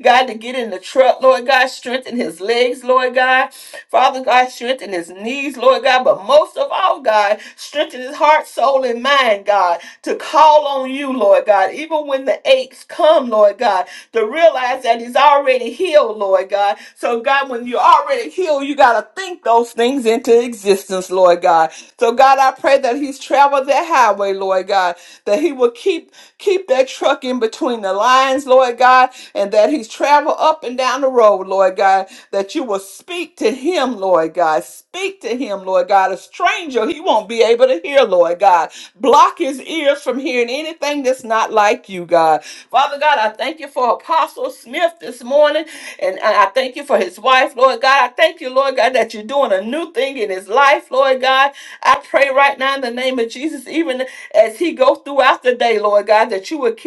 S11: God, to get in the truck, Lord God, strengthen his legs, Lord God. Father God, strengthen his knees, Lord God. But most of all, God, strengthen his heart, soul, and mind, God, to call on you, Lord God. Even when the aches come, Lord God, to realize that he's already healed, Lord God. So, God, when you're already healed, you got to think those things into existence, Lord God. So, God, I pray that he's traveled that highway, Lord God, that he will keep Keep that truck in between the lines, Lord God, and that he's travel up and down the road, Lord God, that you will speak to him, Lord God. Speak to him, Lord God. A stranger he won't be able to hear, Lord God. Block his ears from hearing anything that's not like you, God. Father God, I thank you for Apostle Smith this morning, and I I thank you for his wife, Lord God. I thank you, Lord God, that you're doing a new thing in his life, Lord God. I pray right now in the name of Jesus, even as he goes throughout the day, Lord God, that you would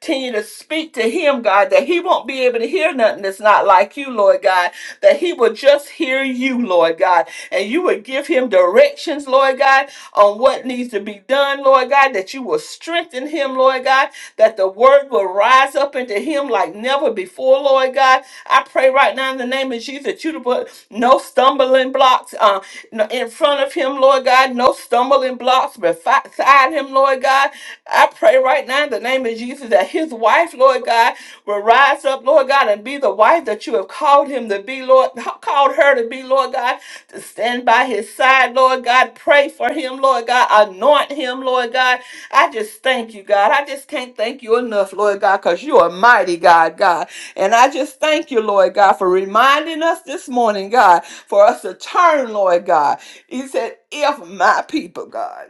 S11: continue to speak to him, God, that he won't be able to hear nothing that's not like you, Lord God, that he would just hear you, Lord God, and you would give him directions, Lord God, on what needs to be done, Lord God, that you will strengthen him, Lord God, that the word will rise up into him like never before, Lord God. I pray right now in the name of Jesus that you to put no stumbling blocks. uh no- in front of him, Lord God, no stumbling blocks beside him, Lord God. I pray right now in the name of Jesus that his wife, Lord God, will rise up, Lord God, and be the wife that you have called him to be, Lord, called her to be, Lord God, to stand by his side, Lord God. Pray for him, Lord God. Anoint him, Lord God. I just thank you, God. I just can't thank you enough, Lord God, because you are mighty, God, God. And I just thank you, Lord God, for reminding us this morning, God for us to turn, Lord God. He said, if my people, God,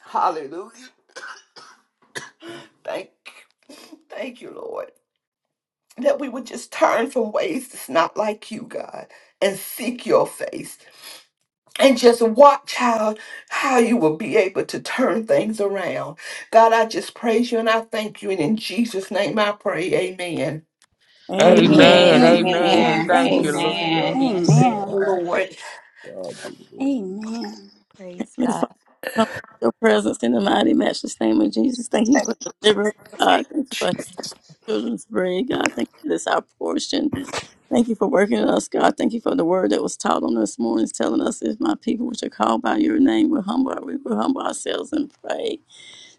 S11: hallelujah, thank, thank you, Lord, that we would just turn from ways that's not like you, God, and seek your face. And just watch how how you will be able to turn things around. God, I just praise you and I thank you. And in Jesus' name I pray. Amen.
S9: Amen. Thank
S2: Amen.
S3: Amen.
S1: Amen.
S3: Amen.
S2: Amen.
S4: Amen.
S9: you,
S2: Thank
S3: Thank
S2: you,
S9: Lord.
S3: you, Lord.
S2: Lord.
S4: Amen.
S6: God.
S4: Yes,
S11: Thank you,
S2: Amen.
S4: Lord.
S11: Lord.
S6: God be the glory.
S2: Amen.
S1: Praise
S9: Heavenly
S1: God.
S9: Father, come to your presence in the mighty matchless name of Jesus. Thank you for deliverance, God. Thank you for our children's bread, God. Thank you for this our portion. Thank you for working in us, God. Thank you for the word that was taught on this morning, telling us if my people which are called by your name will humble, we will humble ourselves and pray.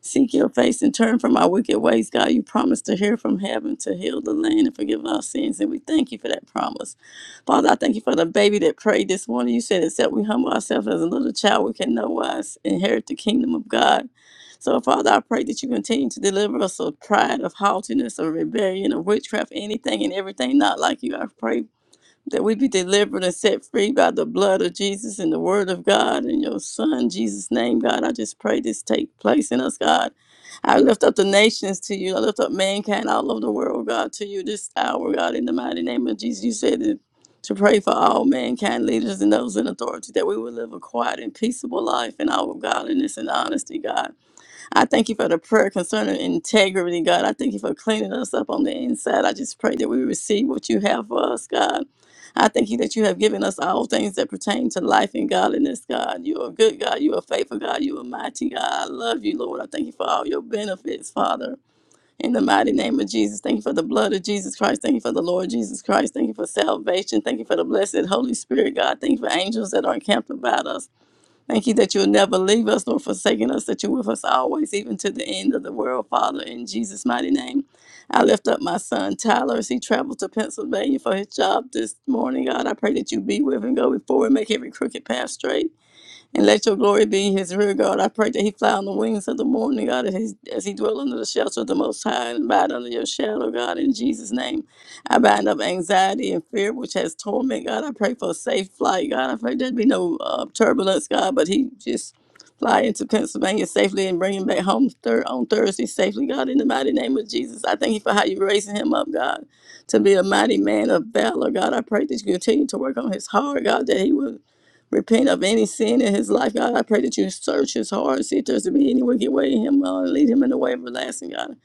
S9: Seek your face and turn from our wicked ways, God. You promised to hear from heaven, to heal the land, and forgive our sins. And we thank you for that promise. Father, I thank you for the baby that prayed this morning. You said, except we humble ourselves as a little child, we can no wise inherit the kingdom of God. So, Father, I pray that you continue to deliver us of pride, of haughtiness, of rebellion, of witchcraft, anything and everything not like you. I pray that we be delivered and set free by the blood of Jesus and the word of God and your son, Jesus' name, God. I just pray this take place in us, God. I lift up the nations to you. I lift up mankind all over the world, God, to you this hour, God, in the mighty name of Jesus. You said it, to pray for all mankind, leaders and those in authority, that we would live a quiet and peaceable life in all godliness and honesty, God. I thank you for the prayer concerning integrity, God. I thank you for cleaning us up on the inside. I just pray that we receive what you have for us, God. I thank you that you have given us all things that pertain to life and godliness, God. You are good, God. You are faithful, God. You are mighty, God. I love you, Lord. I thank you for all your benefits, Father. In the mighty name of Jesus, thank you for the blood of Jesus Christ. Thank you for the Lord Jesus Christ. Thank you for salvation. Thank you for the blessed Holy Spirit, God. Thank you for angels that are encamped about us. Thank you that you'll never leave us nor forsaken us, that you're with us always, even to the end of the world, Father, in Jesus' mighty name. I lift up my son Tyler as he travels to Pennsylvania for his job this morning. God, I pray that you be with him, go before and make every crooked path straight and let your glory be in his rear guard. I pray that he fly on the wings of the morning, God, as he, as he dwell under the shelter of the Most High and abide under your shadow, God, in Jesus' name. I bind up anxiety and fear, which has torment, God. I pray for a safe flight, God. I pray there be no uh, turbulence, God, but he just fly into Pennsylvania safely and bring him back home thir- on Thursday safely, God, in the mighty name of Jesus. I thank you for how you're raising him up, God, to be a mighty man of valor, God. I pray that you continue to work on his heart, God, that he will repent of any sin in his life, God. I pray that you search his heart, see if there's to be any wicked way in him, uh, lead him in the way everlasting, God.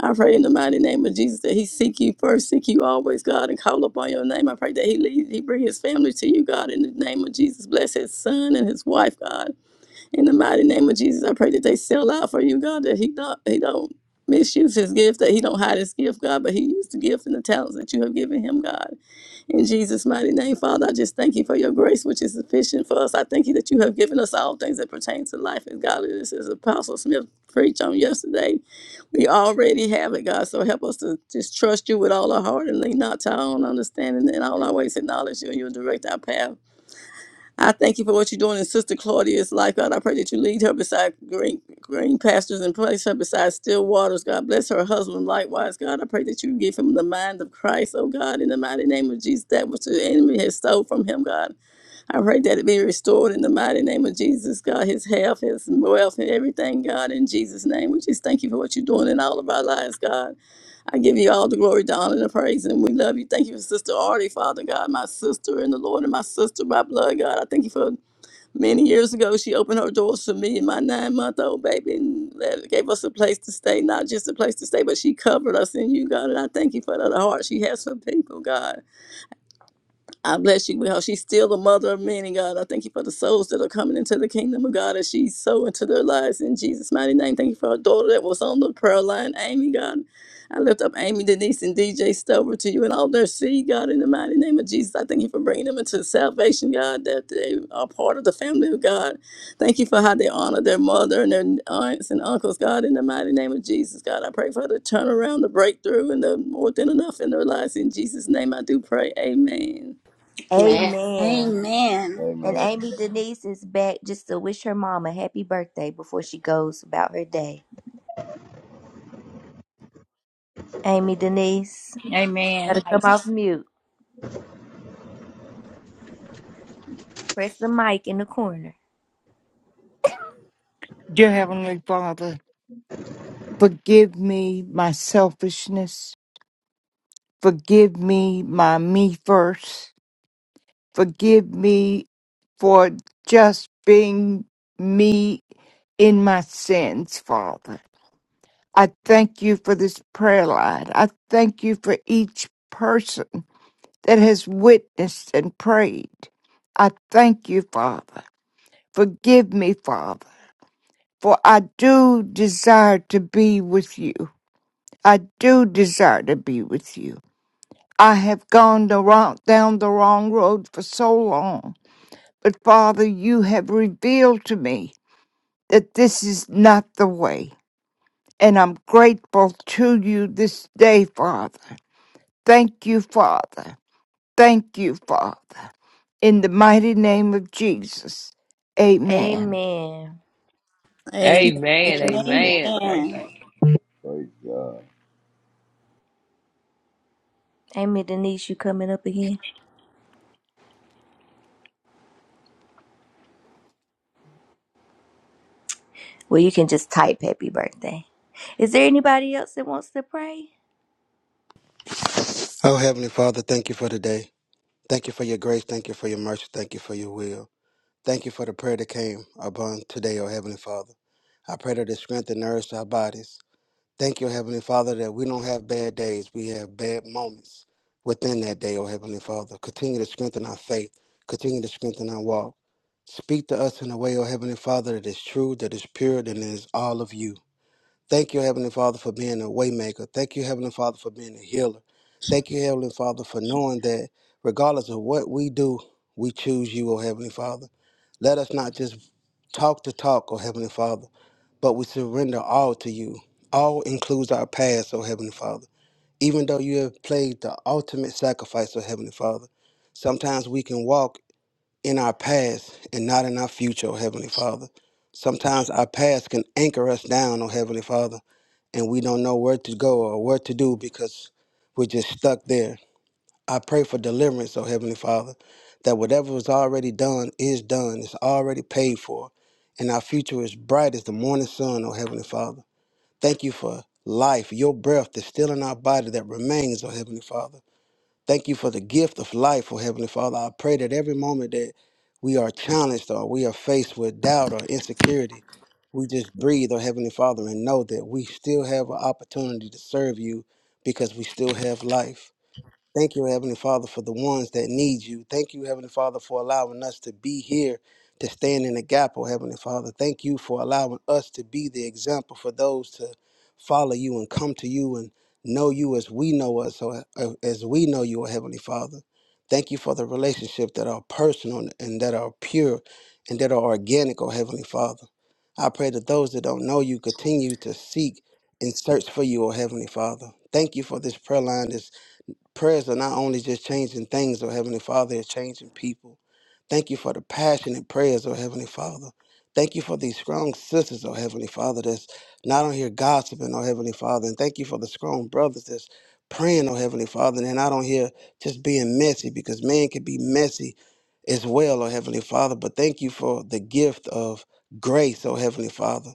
S9: I pray in the mighty name of Jesus that he seek you first, seek you always, God, and call upon your name. I pray that he lead, he bring his family to you, God, in the name of Jesus. Bless his son and his wife, God. In the mighty name of Jesus, I pray that they sell out for you, God, that he don't he don't misuse his gift, that he don't hide his gift, God, but he used the gift and the talents that you have given him, God. In Jesus' mighty name, Father, I just thank you for your grace, which is sufficient for us. I thank you that you have given us all things that pertain to life and godliness, as Apostle Smith preached on yesterday. We already have it, God. So help us to just trust you with all our heart and lean not to our own understanding and all our ways acknowledge you and you'll direct our path. I thank you for what you're doing in Sister Claudia's life, God. I pray that you lead her beside green, green pastures and place her beside still waters, God. Bless her husband likewise, God. I pray that you give him the mind of Christ, oh God, in the mighty name of Jesus, that which the enemy has stole from him, God. I pray that it be restored in the mighty name of Jesus, God, his health, his wealth, and everything, God, in Jesus' name. We just thank you for what you're doing in all of our lives, God. I give you all the glory, the honor, and the praise, and we love you. Thank you for Sister Artie, Father God, my sister in the Lord, and my sister by blood, God. I thank you for many years ago, she opened her doors to me and my nine month old baby and let- gave us a place to stay, not just a place to stay, but she covered us in you, God. And I thank you for the heart she has for people, God. I bless you with her. She's still the mother of many, God. I thank you for the souls that are coming into the kingdom of God as she's so into their lives in Jesus' mighty name. Thank you for her daughter that was on the prayer line, Amy, God. I lift up Amy, Denise, and DJ Stover to you and all their seed, God, in the mighty name of Jesus. I thank you for bringing them into salvation, God, that they are part of the family of God. Thank you for how they honor their mother and their aunts and uncles, God, in the mighty name of Jesus, God. I pray for the turnaround, the breakthrough, and the more than enough in their lives. In Jesus' name, I do pray. Amen.
S4: Amen.
S1: Amen.
S2: Amen.
S1: And
S6: Amen.
S1: Amy Denise is back just to wish her mom a happy birthday before she goes about her day. Amy Denise, gotta
S8: Amen.
S1: come off mute. Press the mic in the corner.
S13: Dear Heavenly Father, forgive me my selfishness. Forgive me my me first. Forgive me for just being me in my sins, Father. I thank you for this prayer line. I thank you for each person that has witnessed and prayed. I thank you, Father. Forgive me, Father, for I do desire to be with you. I do desire to be with you. I have gone the wrong, down the wrong road for so long. But Father, you have revealed to me that this is not the way. And I'm grateful to you this day, Father. Thank you, Father. Thank you, Father. In the mighty name of Jesus. Amen.
S1: Amen.
S9: Amen.
S3: Amen.
S4: Amen.
S3: Amen. Thank
S2: Amen.
S4: Amen.
S3: you.
S6: Praise God.
S1: Amy Denise, you coming up again? Well, you can just type happy birthday. Is there anybody else that wants to pray?
S12: Oh, Heavenly Father, thank you for today. Thank you for your grace. Thank you for your mercy. Thank you for your will. Thank you for the prayer that came upon today, O Heavenly Father. I pray that it strengthen and nourish our bodies. Thank you, O Heavenly Father, that we don't have bad days. We have bad moments within that day, O Heavenly Father. Continue to strengthen our faith. Continue to strengthen our walk. Speak to us in a way, O Heavenly Father, that is true, that is pure, and is all of you. Thank you, Heavenly Father, for being a waymaker. Thank you, Heavenly Father, for being a healer. Thank you, Heavenly Father, for knowing that regardless of what we do, we choose you, O Heavenly Father. Let us not just talk the talk, O Heavenly Father, but we surrender all to you. All includes our past, O Heavenly Father. Even though you have played the ultimate sacrifice, O Heavenly Father, sometimes we can walk in our past and not in our future, oh Heavenly Father. Sometimes our past can anchor us down, oh Heavenly Father, and we don't know where to go or what to do because we're just stuck there. I pray for deliverance, oh Heavenly Father, that whatever was already done is done, it's already paid for, and our future is bright as the morning sun, oh Heavenly Father. Thank you for life, your breath that's still in our body that remains, oh Heavenly Father. Thank you for the gift of life, oh Heavenly Father. I pray that every moment that we are challenged or we are faced with doubt or insecurity, we just breathe, oh Heavenly Father, and know that we still have an opportunity to serve you because we still have life. Thank you, Heavenly Father, for the ones that need you. Thank you, Heavenly Father, for allowing us to be here to stand in the gap, oh Heavenly Father. Thank you for allowing us to be the example for those to follow you and come to you and know you as we know us, or uh, as we know you, oh Heavenly Father. Thank you for the relationship that are personal and that are pure and that are organic, oh Heavenly Father. I pray that those that don't know you continue to seek and search for you, oh Heavenly Father. Thank you for this prayer line, This prayers are not only just changing things, oh Heavenly Father, it's changing people. Thank you for the passionate prayers, oh Heavenly Father. Thank you for these strong sisters, oh Heavenly Father, that's not on here gossiping, oh Heavenly Father. And thank you for the strong brothers that's praying, oh Heavenly Father, and they're not on here just being messy because man can be messy as well, oh Heavenly Father. But thank you for the gift of grace, oh Heavenly Father.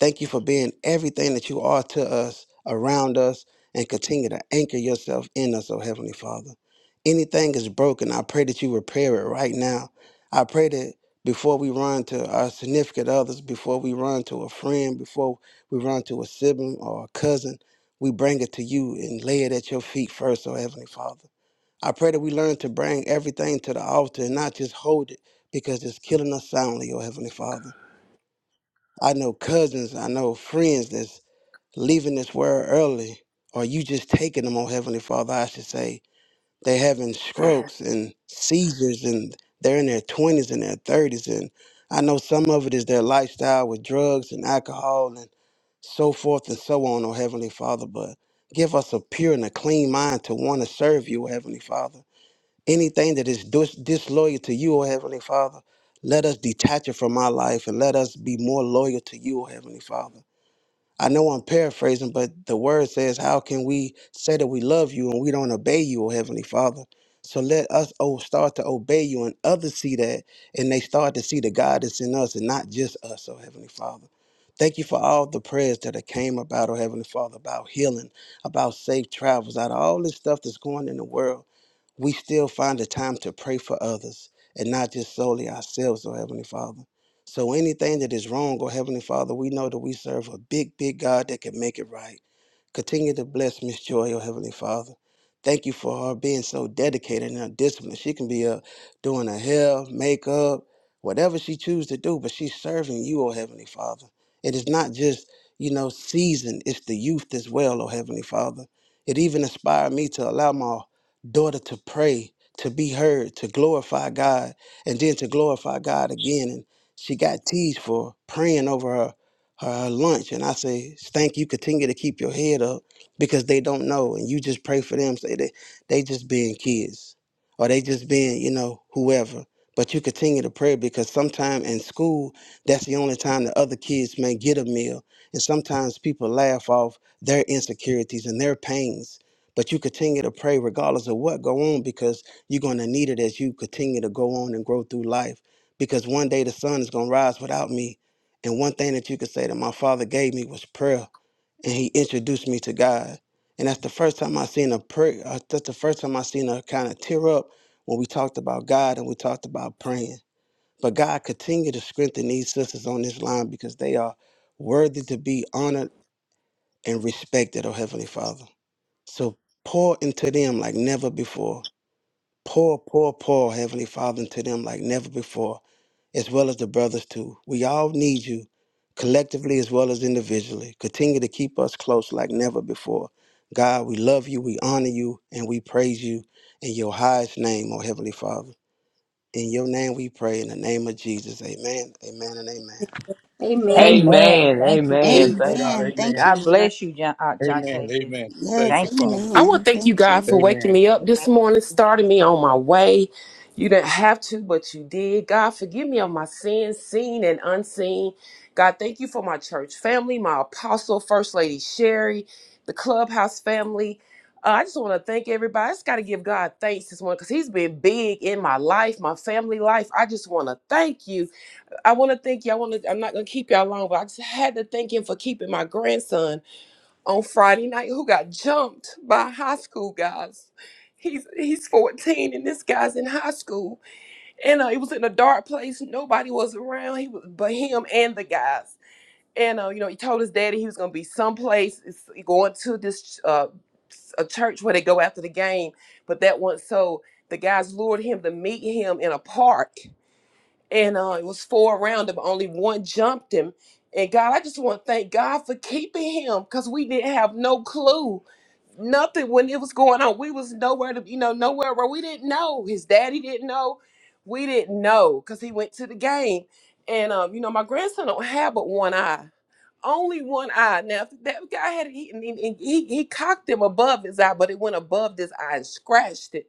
S12: Thank you for being everything that you are to us, around us, and continue to anchor yourself in us, oh Heavenly Father. Anything is broken, I pray that you repair it right now. I pray that before we run to our significant others, before we run to a friend, before we run to a sibling or a cousin, we bring it to you and lay it at your feet first, oh Heavenly Father. I pray that we learn to bring everything to the altar and not just hold it because it's killing us soundly, oh Heavenly Father. I know cousins, I know friends that's leaving this world early, or you just taking them, oh Heavenly Father, I should say, they're having
S14: I
S12: strokes and seizures and they're in their 20s and their 30s. And I know some of it is their lifestyle with drugs and alcohol and so forth and so on, oh Heavenly Father. But give us a pure and a clean mind to want to serve you, oh Heavenly Father. Anything that is dis- disloyal to you, oh Heavenly Father, let us detach it from our life and let us be more loyal to you, oh Heavenly Father. I know I'm paraphrasing, but the word says, How can we say that we love you and we don't obey you, O Heavenly Father? So let us oh, start to obey you and others see that and they start to see the God that's in us and not just us, O Heavenly Father. Thank you for all the prayers that have came about, O Heavenly Father, about healing, about safe travels, out of all this stuff that's going in the world we still find the time to pray for others and not just solely ourselves, oh Heavenly Father. So anything that is wrong, oh Heavenly Father, we know that we serve a big, big God that can make it right. Continue to bless Miss Joy, oh Heavenly Father. Thank you for her being so dedicated and her discipline. She can be up doing her hair, makeup, whatever she chooses to do, but she's serving you, oh Heavenly Father. It is not just, you know, season, it's the youth as well, oh Heavenly Father. It even inspired me to allow my daughter to pray, to be heard, to glorify God, and then to glorify God again. And she got teased for praying over her her, her lunch. And I say, Stank, you continue to keep your head up because they don't know. And you just pray for them. Say that they just being kids. Or they just being, you know, whoever. But you continue to pray because sometime in school, that's the only time the other kids may get a meal. And sometimes people laugh off their insecurities and their pains but you continue to pray regardless of what go on because you're going to need it as you continue to go on and grow through life because one day the sun is going to rise without me and one thing that you could say that my father gave me was prayer and he introduced me to god and that's the first time i seen a prayer uh, that's the first time i seen her kind of tear up when we talked about god and we talked about praying but god continue to strengthen these sisters on this line because they are worthy to be honored and respected oh heavenly father so pour into them like never before. Pour, pour, pour, Heavenly Father, into them like never before, as well as the brothers too. We all need you, collectively as well as individually. Continue to keep us close like never before. God, we love you, we honor you, and we praise you in your highest name, O Heavenly Father. In your name we pray, in the name of Jesus. Amen, amen, and amen.
S9: Thank you,
S1: Amen.
S9: Lord.
S8: Amen.
S3: Amen.
S8: Thank you,
S5: glory
S3: Amen.
S5: to
S3: Thank.
S8: Jesus.
S5: God.
S2: Amen. Thank
S5: Amen.
S2: you,
S8: God
S2: Lord.
S8: bless you, John, uh, John
S5: Amen.
S8: Tavius.
S5: Amen. Thank
S2: Yes,
S5: you,
S8: Thank
S5: Father.
S8: you.
S14: want
S2: amen.
S14: to thank you,
S2: Thank
S14: God,
S2: you.
S14: for waking
S5: Amen.
S14: me up this morning, starting me on my way. You didn't have to, but you did. God, forgive me of my sins, seen and unseen. God, thank you for my church family, my apostle, First Lady Sherry, the clubhouse family. Uh, I just want to thank everybody. I just got to give God thanks this morning because He's been big in my life, my family life. I just want to thank you. I want to thank you. I want to. I'm not gonna keep y'all long, but I just had to thank Him for keeping my grandson. on Friday night who got jumped by high school guys. He's he's 14 and this guy's in high school. And uh, it was in a dark place. Nobody was around. He was but him and the guys. And uh, you know, he told his daddy he was gonna be someplace it's going to this uh, a church where they go after the game, but that wasn't so. The guys lured him to meet him in a park and uh, it was four around him. Only one jumped him. And God, I just want to thank God for keeping him because we didn't have no clue, nothing when it was going on. We was nowhere to, you know, nowhere where we didn't know. His daddy didn't know. We didn't know because he went to the game. And um, you know, my grandson don't have but one eye, only one eye. Now if that guy had eaten, and he, he cocked him above his eye, but it went above this eye and scratched it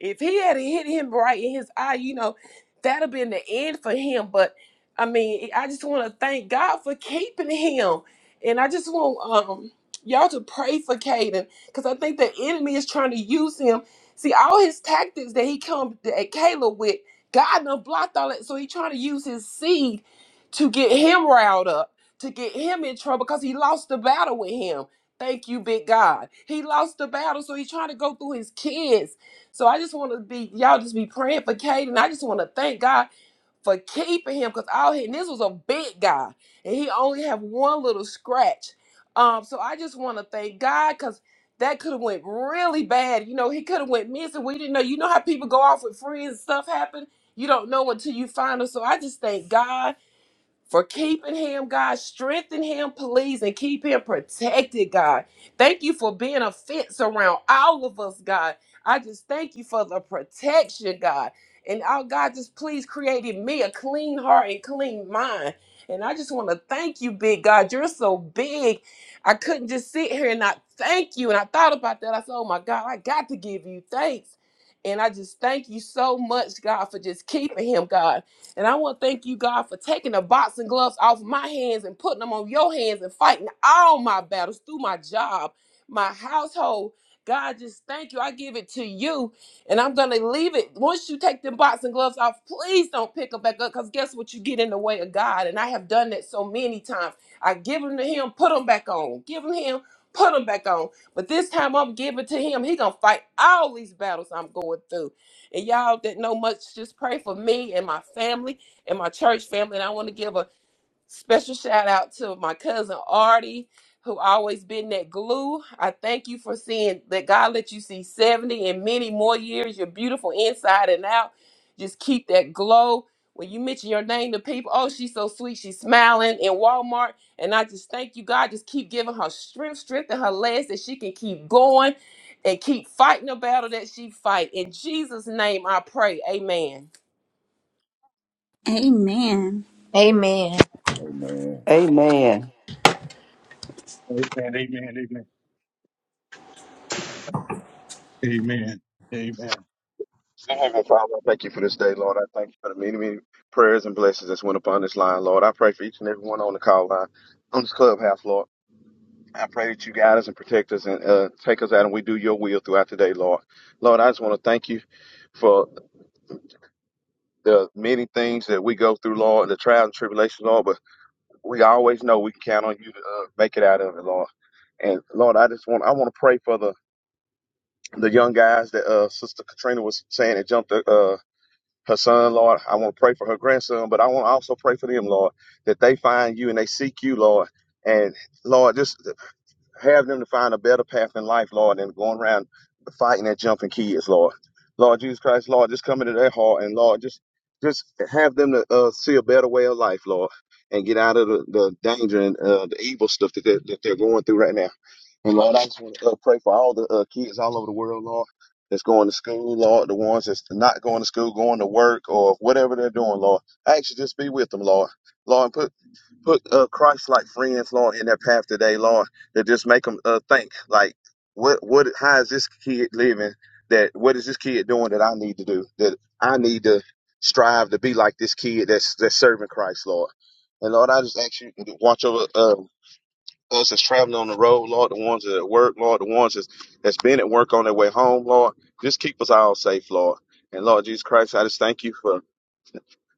S14: if he had hit him right in his eye, you know, that'd have been the end for him. But I mean, I just want to thank God for keeping him, and I just want um y'all to pray for Caden because I think the enemy is trying to use him. See, all his tactics that he come at Caleb with, God done blocked all that. So he trying to use his seed to get him riled up, to get him in trouble because he lost the battle with him. Thank you, big God. He lost the battle, so he's trying to go through his kids so I just want to be y'all just be praying for Caden. I just want to thank God for keeping him because all he and this was a big guy and he only have one little scratch. Um, so I just want to thank God because that could have went really bad. You know, he could have went missing. We didn't know. You know how people go off with friends, stuff happen. You don't know until you find them. So I just thank God for keeping him, God. Strengthen him, please, and keep him protected, God. Thank you for being a fence around all of us, God. I just thank you for the protection, God. And oh, God, just please create in me a clean heart and clean mind. And I just want to thank you, big God. You're so big. I couldn't just sit here and not thank you. And I thought about that. I said, oh my God, I got to give you thanks. And I just thank you so much, God, for just keeping him, God. And I want to thank you, God, for taking the boxing gloves off my hands and putting them on your hands and fighting all my battles through my job, my household. God, just thank you. I give it to you. And I'm going to leave it. Once you take them boxing gloves off, please don't pick them back up because guess what? You get in the way of God. And I have done that so many times. I give them to Him, put them back on. Give them to Him, put them back on. But this time I'm giving to Him. He going to fight all these battles I'm going through. And y'all that know much, just pray for me and my family and my church family. And I want to give a Special shout out to my cousin Artie, who always been that glue. I thank you for seeing that God let you see 70 and many more years. You're beautiful inside and out. Just keep that glow. When you mention your name to people, oh, she's so sweet. She's smiling in Walmart. And I just thank you, God. Just keep giving her strength, strength in her legs that she can keep going and keep fighting the battle that she fight. In Jesus' name I pray. Amen.
S2: Amen.
S1: Amen.
S6: Amen.
S11: Amen.
S5: Amen. Amen. Amen. Amen. Amen.
S15: Dear Heavenly Father, I thank you for this day, Lord. I thank you for the many, many prayers and blessings that's went upon this line, Lord. I pray for each and every one on the call line, on this clubhouse, Lord. I pray that you guide us and protect us and uh, take us out and we do your will throughout the day, Lord. Lord, I just want to thank you for the many things that we go through, Lord, and the trials and tribulations, Lord. But we always know we can count on you to uh, make it out of it, Lord. And Lord, I just want I want to pray for the the young guys that uh, Sister Katrina was saying that jumped. Uh, her son, Lord. I want to pray for her grandson, but I want to also pray for them, Lord, that they find you and they seek you, Lord. And Lord, just have them to find a better path in life, Lord, than going around fighting and jumping kids, Lord. Lord Jesus Christ, Lord, just come into their heart and Lord, just just have them to uh, see a better way of life, Lord, and get out of the, the danger and uh, the evil stuff that they're, that they're going through right now. And Lord, I just want to uh, pray for all the uh, kids all over the world, Lord, that's going to school, Lord, the ones that's not going to school, going to work, or whatever they're doing, Lord. I actually just be with them, Lord. Lord, put put uh, Christ like friends, Lord, in their path today, Lord, that just make them uh, think like, what what how is this kid living? That what is this kid doing that I need to do? That I need to strive to be like this kid that's that's serving Christ, Lord. And Lord, I just ask you to watch over uh, us that's traveling on the road, Lord, the ones that are at work, Lord, the ones that's, that's been at work on their way home, Lord. Just keep us all safe, Lord. And Lord Jesus Christ, I just thank you for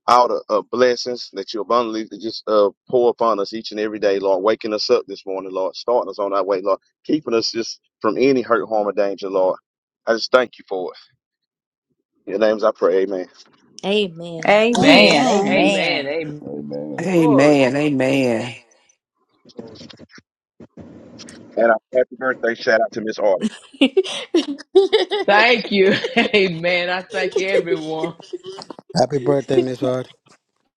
S15: all the uh, blessings that you abundantly just uh, pour upon us each and every day, Lord. Waking us up this morning, Lord. Starting us on our way, Lord. Keeping us just from any hurt, harm, or danger, Lord. I just thank you for it. In your names I pray, amen.
S1: Amen.
S8: Amen.
S3: Man.
S2: Amen.
S3: Amen.
S8: Amen.
S3: Amen.
S6: Amen.
S8: Glory.
S11: Amen. Amen.
S15: And a happy birthday shout out to Miss Artie.
S3: Thank you. Amen. I thank everyone.
S12: Happy birthday, Miss Hardy.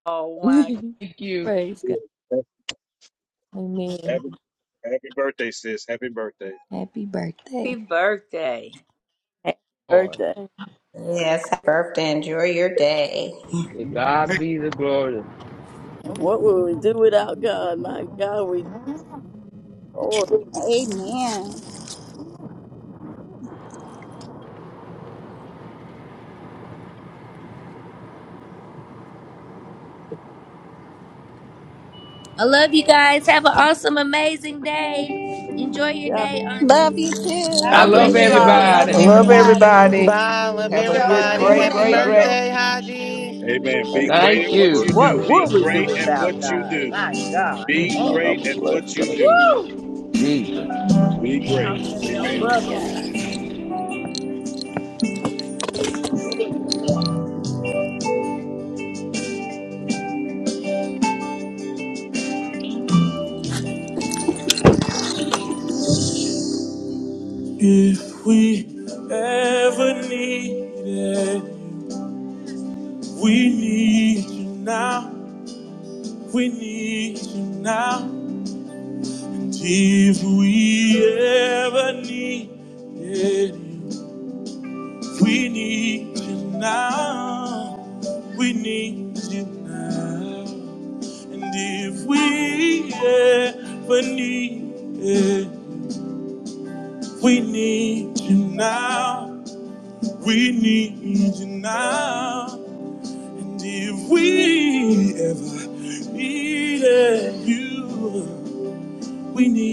S8: Oh, my.
S3: Thank you,
S1: Praise God. Amen.
S5: Happy, happy birthday, sis. Happy birthday.
S1: Happy
S8: Happy
S1: birthday.
S8: birthday.
S9: Happy
S3: Lord.
S9: birthday.
S4: Yes. Happy birthday. Enjoy your day.
S3: To God be the glory.
S9: What would we do without God? My God, we Lord.
S2: Amen.
S1: I love you guys. Have an awesome, amazing day. Enjoy your day,
S2: Love
S1: Auntie.
S2: you
S3: I
S8: God
S1: God
S2: too.
S1: bless
S3: love
S8: bless
S6: Bless
S4: Eat
S8: you
S5: Amen.
S1: you
S6: you,
S5: Love
S1: and
S8: all.
S5: y'all.
S1: keep
S2: Love
S8: Love
S11: I
S3: everybody.
S5: Love
S1: you.
S11: love
S8: you.
S5: y'all.
S6: Lord
S2: everybody.
S6: God.
S7: Bye.
S11: everybody.
S7: Love
S11: Have a
S4: y'all
S11: good,
S4: in the
S7: everybody.
S11: great,
S4: morning.
S5: Amen.
S7: Happy
S11: great,
S5: Love
S11: great,
S5: y'all.
S7: birthday, Haji.
S5: Amen. Be
S6: Thank you
S5: great
S6: for the
S3: Thank
S5: at what
S3: you,
S6: word.
S5: you
S6: of God.
S5: do.
S8: What
S5: Be
S8: would we do
S5: great at
S8: without
S5: what you
S8: God?
S5: do.
S8: My God.
S3: Mm,
S5: Be
S6: Y'all
S8: Thank you,
S5: great
S6: have a
S5: at
S8: Jesus.
S5: what
S6: blessed day.
S5: you do.
S8: Woo!
S3: Jesus.
S5: Be great.
S8: Talk to them young
S5: Amen.
S3: Jesus.
S8: brothers.
S2: Amen.
S1: If we hate it, we need you now. We need, we need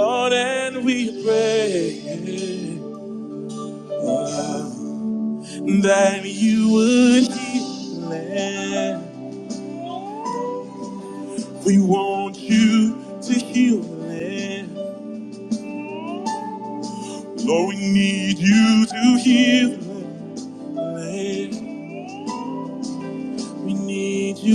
S1: all that you to do. We need you.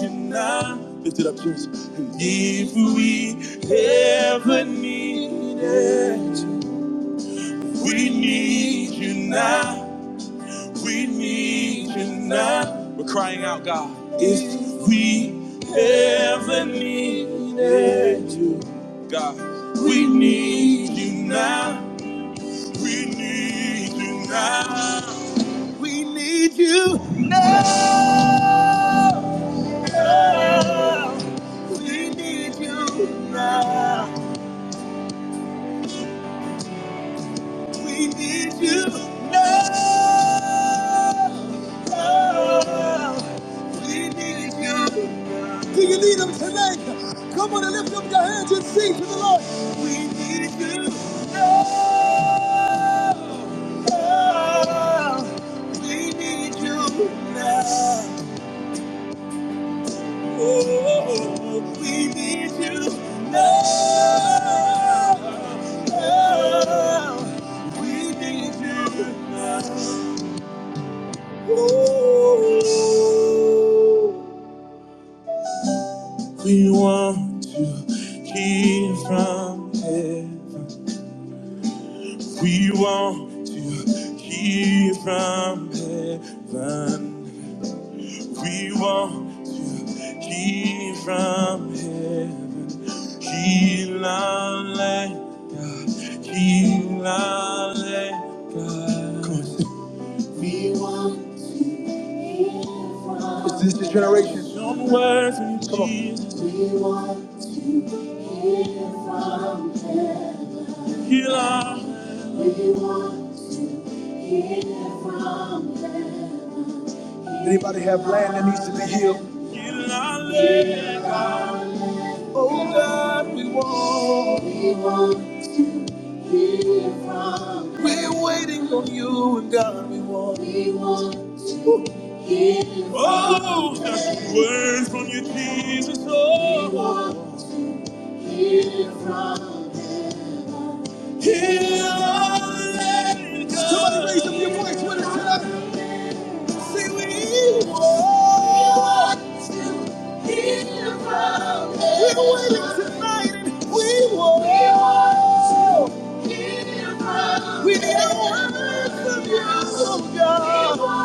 S1: Can I lift it up, Jesus? And if we ever need it, we need you now. We need you now. We're crying out, God. If we ever needed you, God, we need you now. We need you now. We need you now. now. We need you now. We need you now. now. We need you now. Do you need him tonight? Come on and lift up your hands and sing to the Lord. We need you now, now. We need you now. Oh, we need you now. Now. We need you now. Oh, we want to hear from heaven. We want to hear from heaven. We want to hear from heaven. Heal our land, God. Heal our land, God. Come on. Some words in Come on. Jesus. Heal our Anybody have land that needs to be healed? Heal our land, God. Oh, just some words from you, Jesus. Oh, God. Somebody raise up your voice with us tonight. Say we want. We're waiting tonight and we will. We need a word from you, oh God.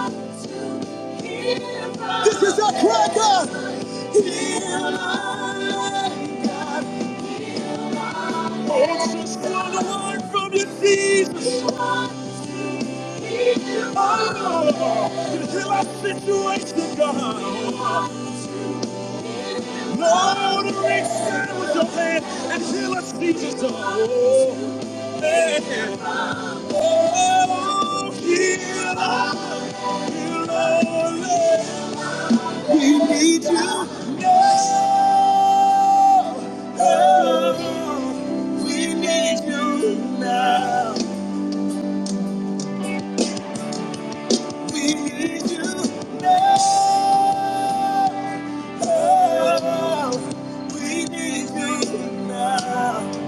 S1: This is our cry, God. Hear my God. Oh, just one word from you, Jesus. Oh, to heal our situation, God. Lord, raise time with your hand and heal us, Jesus. Oh. Oh, we need you now. Oh, we need you now. We need you now. Oh, we need you now.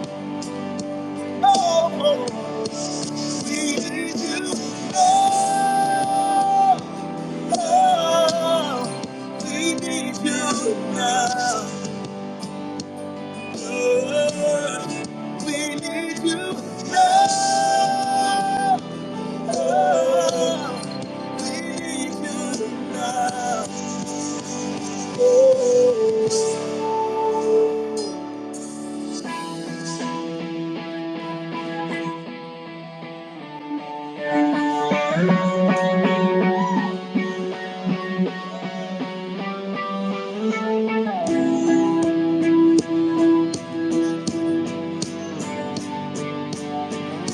S1: Oh, we need you now. Oh, we need you now. Oh, we need you now. Oh, we need you now. Oh.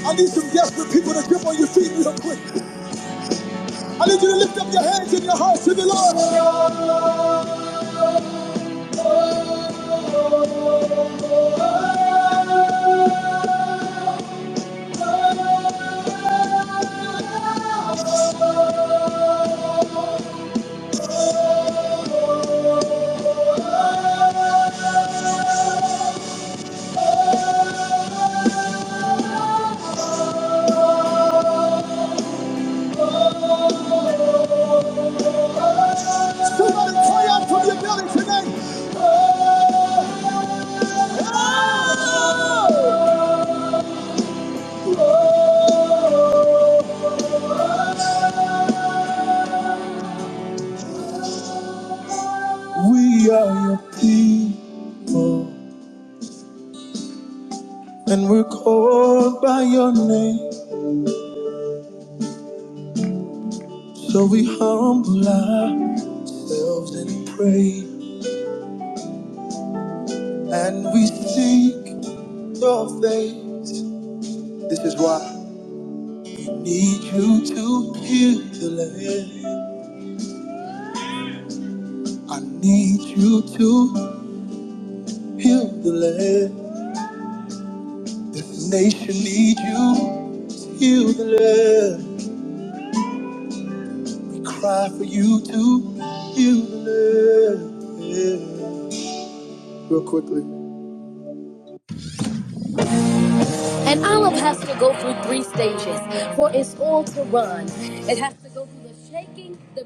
S1: I need some desperate people to jump on your feet real quick. I need you to lift up your hands and your hearts to the Lord. Somebody cry out from your belly tonight. Oh, oh. We are your people, and we're called by your name. So we humble ourselves and pray, and we seek your face. This is why we need you to heal the land. I need you to heal the land. This nation needs you to heal the land. We cry for you to heal the land. Yeah. Real quickly. An olive has to go through three stages for its oil to run. It has to go through the shaking, the